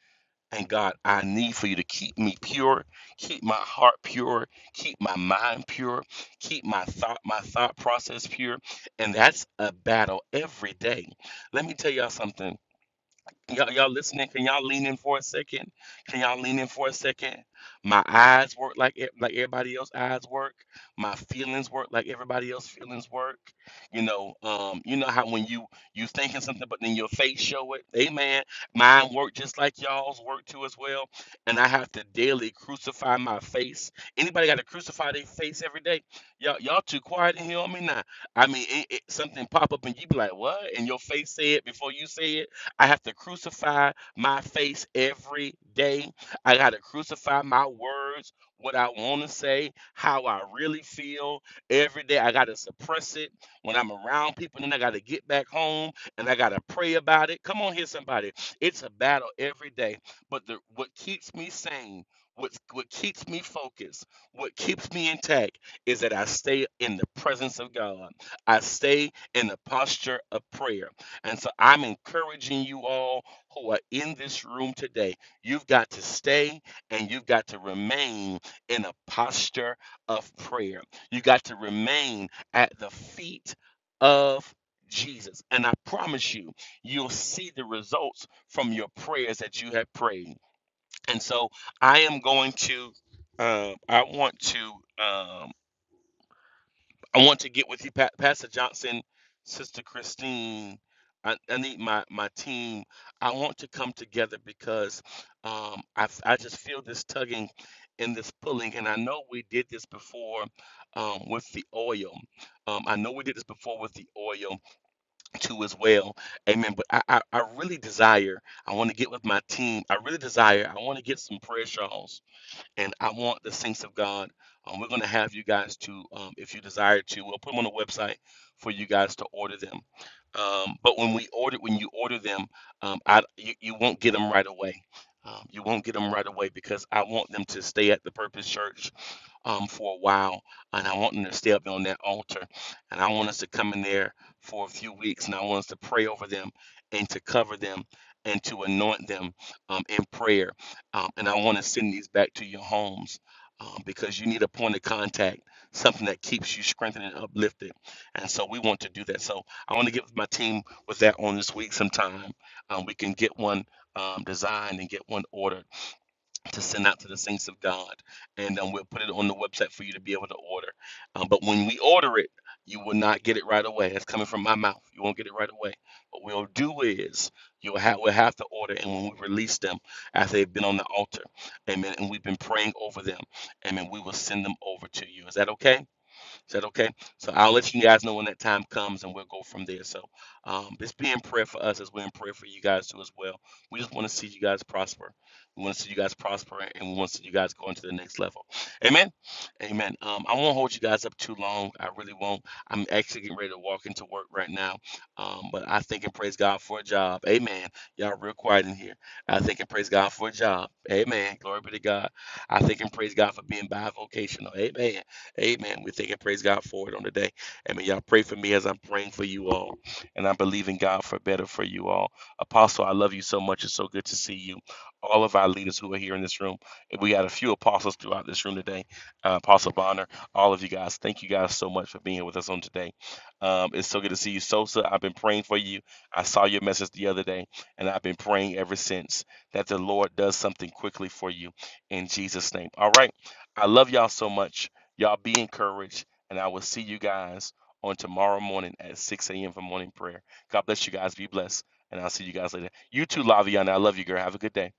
Speaker 3: and God, I need for you to keep me pure, keep my heart pure, keep my mind pure, keep my thought, my thought process pure. And that's a battle every day. Let me tell y'all something. Y'all, y'all listening? Can y'all lean in for a second? Can y'all lean in for a second? My eyes work like e- like everybody else eyes work. My feelings work like everybody else feelings work. You know, um, you know how when you you thinking something, but then your face show it. Amen. Mine work just like y'all's work too as well. And I have to daily crucify my face. Anybody got to crucify their face every day? Y'all, y'all too quiet in here on me now. I mean, it, it, something pop up and you be like, what? And your face say it before you say it I have to crucify my face every day. I got to crucify my words, what I want to say, how I really feel every day. I got to suppress it when I'm around people. Then I got to get back home and I got to pray about it. Come on here, somebody. It's a battle every day. But the, what keeps me sane, what, what keeps me focused, what keeps me intact is that I stay in the presence of God. I stay in the posture of prayer. And so I'm encouraging you all who are in this room today. You've got to stay and you've got to remain in a posture of prayer. You got to remain at the feet of Jesus. And I promise you, you'll see the results from your prayers that you have prayed. And so I am going to, uh, I want to. um, I want to get with you, Pa- Pastor Johnson, Sister Christine. I, I need my my team. I want to come together because um, I f- I just feel this tugging and this pulling, and I know we did this before um, with the oil. Um, I know we did this before with the oil too as well. Amen. But I I, I really desire. I want to get with my team. I really desire. I want to get some prayer shawls and I want the saints of God. Um, we're going to have you guys to, um, if you desire to, we'll put them on the website for you guys to order them. Um, but when we order, when you order them, um, I, you, you won't get them right away. Um, you won't get them right away because I want them to stay at the Purpose Church um, for a while, and I want them to stay up on that altar. And I want us to come in there for a few weeks, and I want us to pray over them and to cover them and to anoint them um, in prayer. Um, and I want to send these back to your homes um, because you need a point of contact, something that keeps you strengthened and uplifted. And so we want to do that. So I want to get with my team with that on this week sometime. Um, we can get one um, designed and get one ordered to send out to the saints of God, and um, we'll put it on the website for you to be able to order. Um, but when we order it, you will not get it right away. That's coming from my mouth. You won't get it right away. What we'll do is you'll have we'll have to order, and when we release them after they've been on the altar, amen. And we've been praying over them, amen. We will send them over to you. Is that okay? Is that okay? So I'll let you guys know when that time comes and we'll go from there. So um, just be in prayer for us as we're in prayer for you guys too as well. We just want to see you guys prosper. We want to see you guys prosper and we want to see you guys go into the next level. Amen. Amen. Um, I won't hold you guys up too long. I really won't. I'm actually getting ready to walk into work right now. Um, but I thank and praise God for a job. Amen. Y'all real quiet in here. I thank and praise God for a job. Amen. Glory be to God. I thank and praise God for being bivocational. Amen. Amen. We thank and praise God for it on the day. Amen. Y'all pray for me as I'm praying for you all. And i believe in God for better for you all. Apostle, I love you so much. It's so good to see you. All of our leaders who are here in this room. We got a few apostles throughout this room today. Uh, Apostle Bonner, all of you guys, thank you guys so much for being here with us on today. Um, it's so good to see you, Sosa. I've been praying for you. I saw your message the other day, and I've been praying ever since that the Lord does something quickly for you in Jesus' name. All right. I love y'all so much. Y'all be encouraged, and I will see you guys on tomorrow morning at 6 a.m. for morning prayer. God bless you guys. Be blessed, and I'll see you guys later. You too, Laviana. I love you, girl. Have a good day.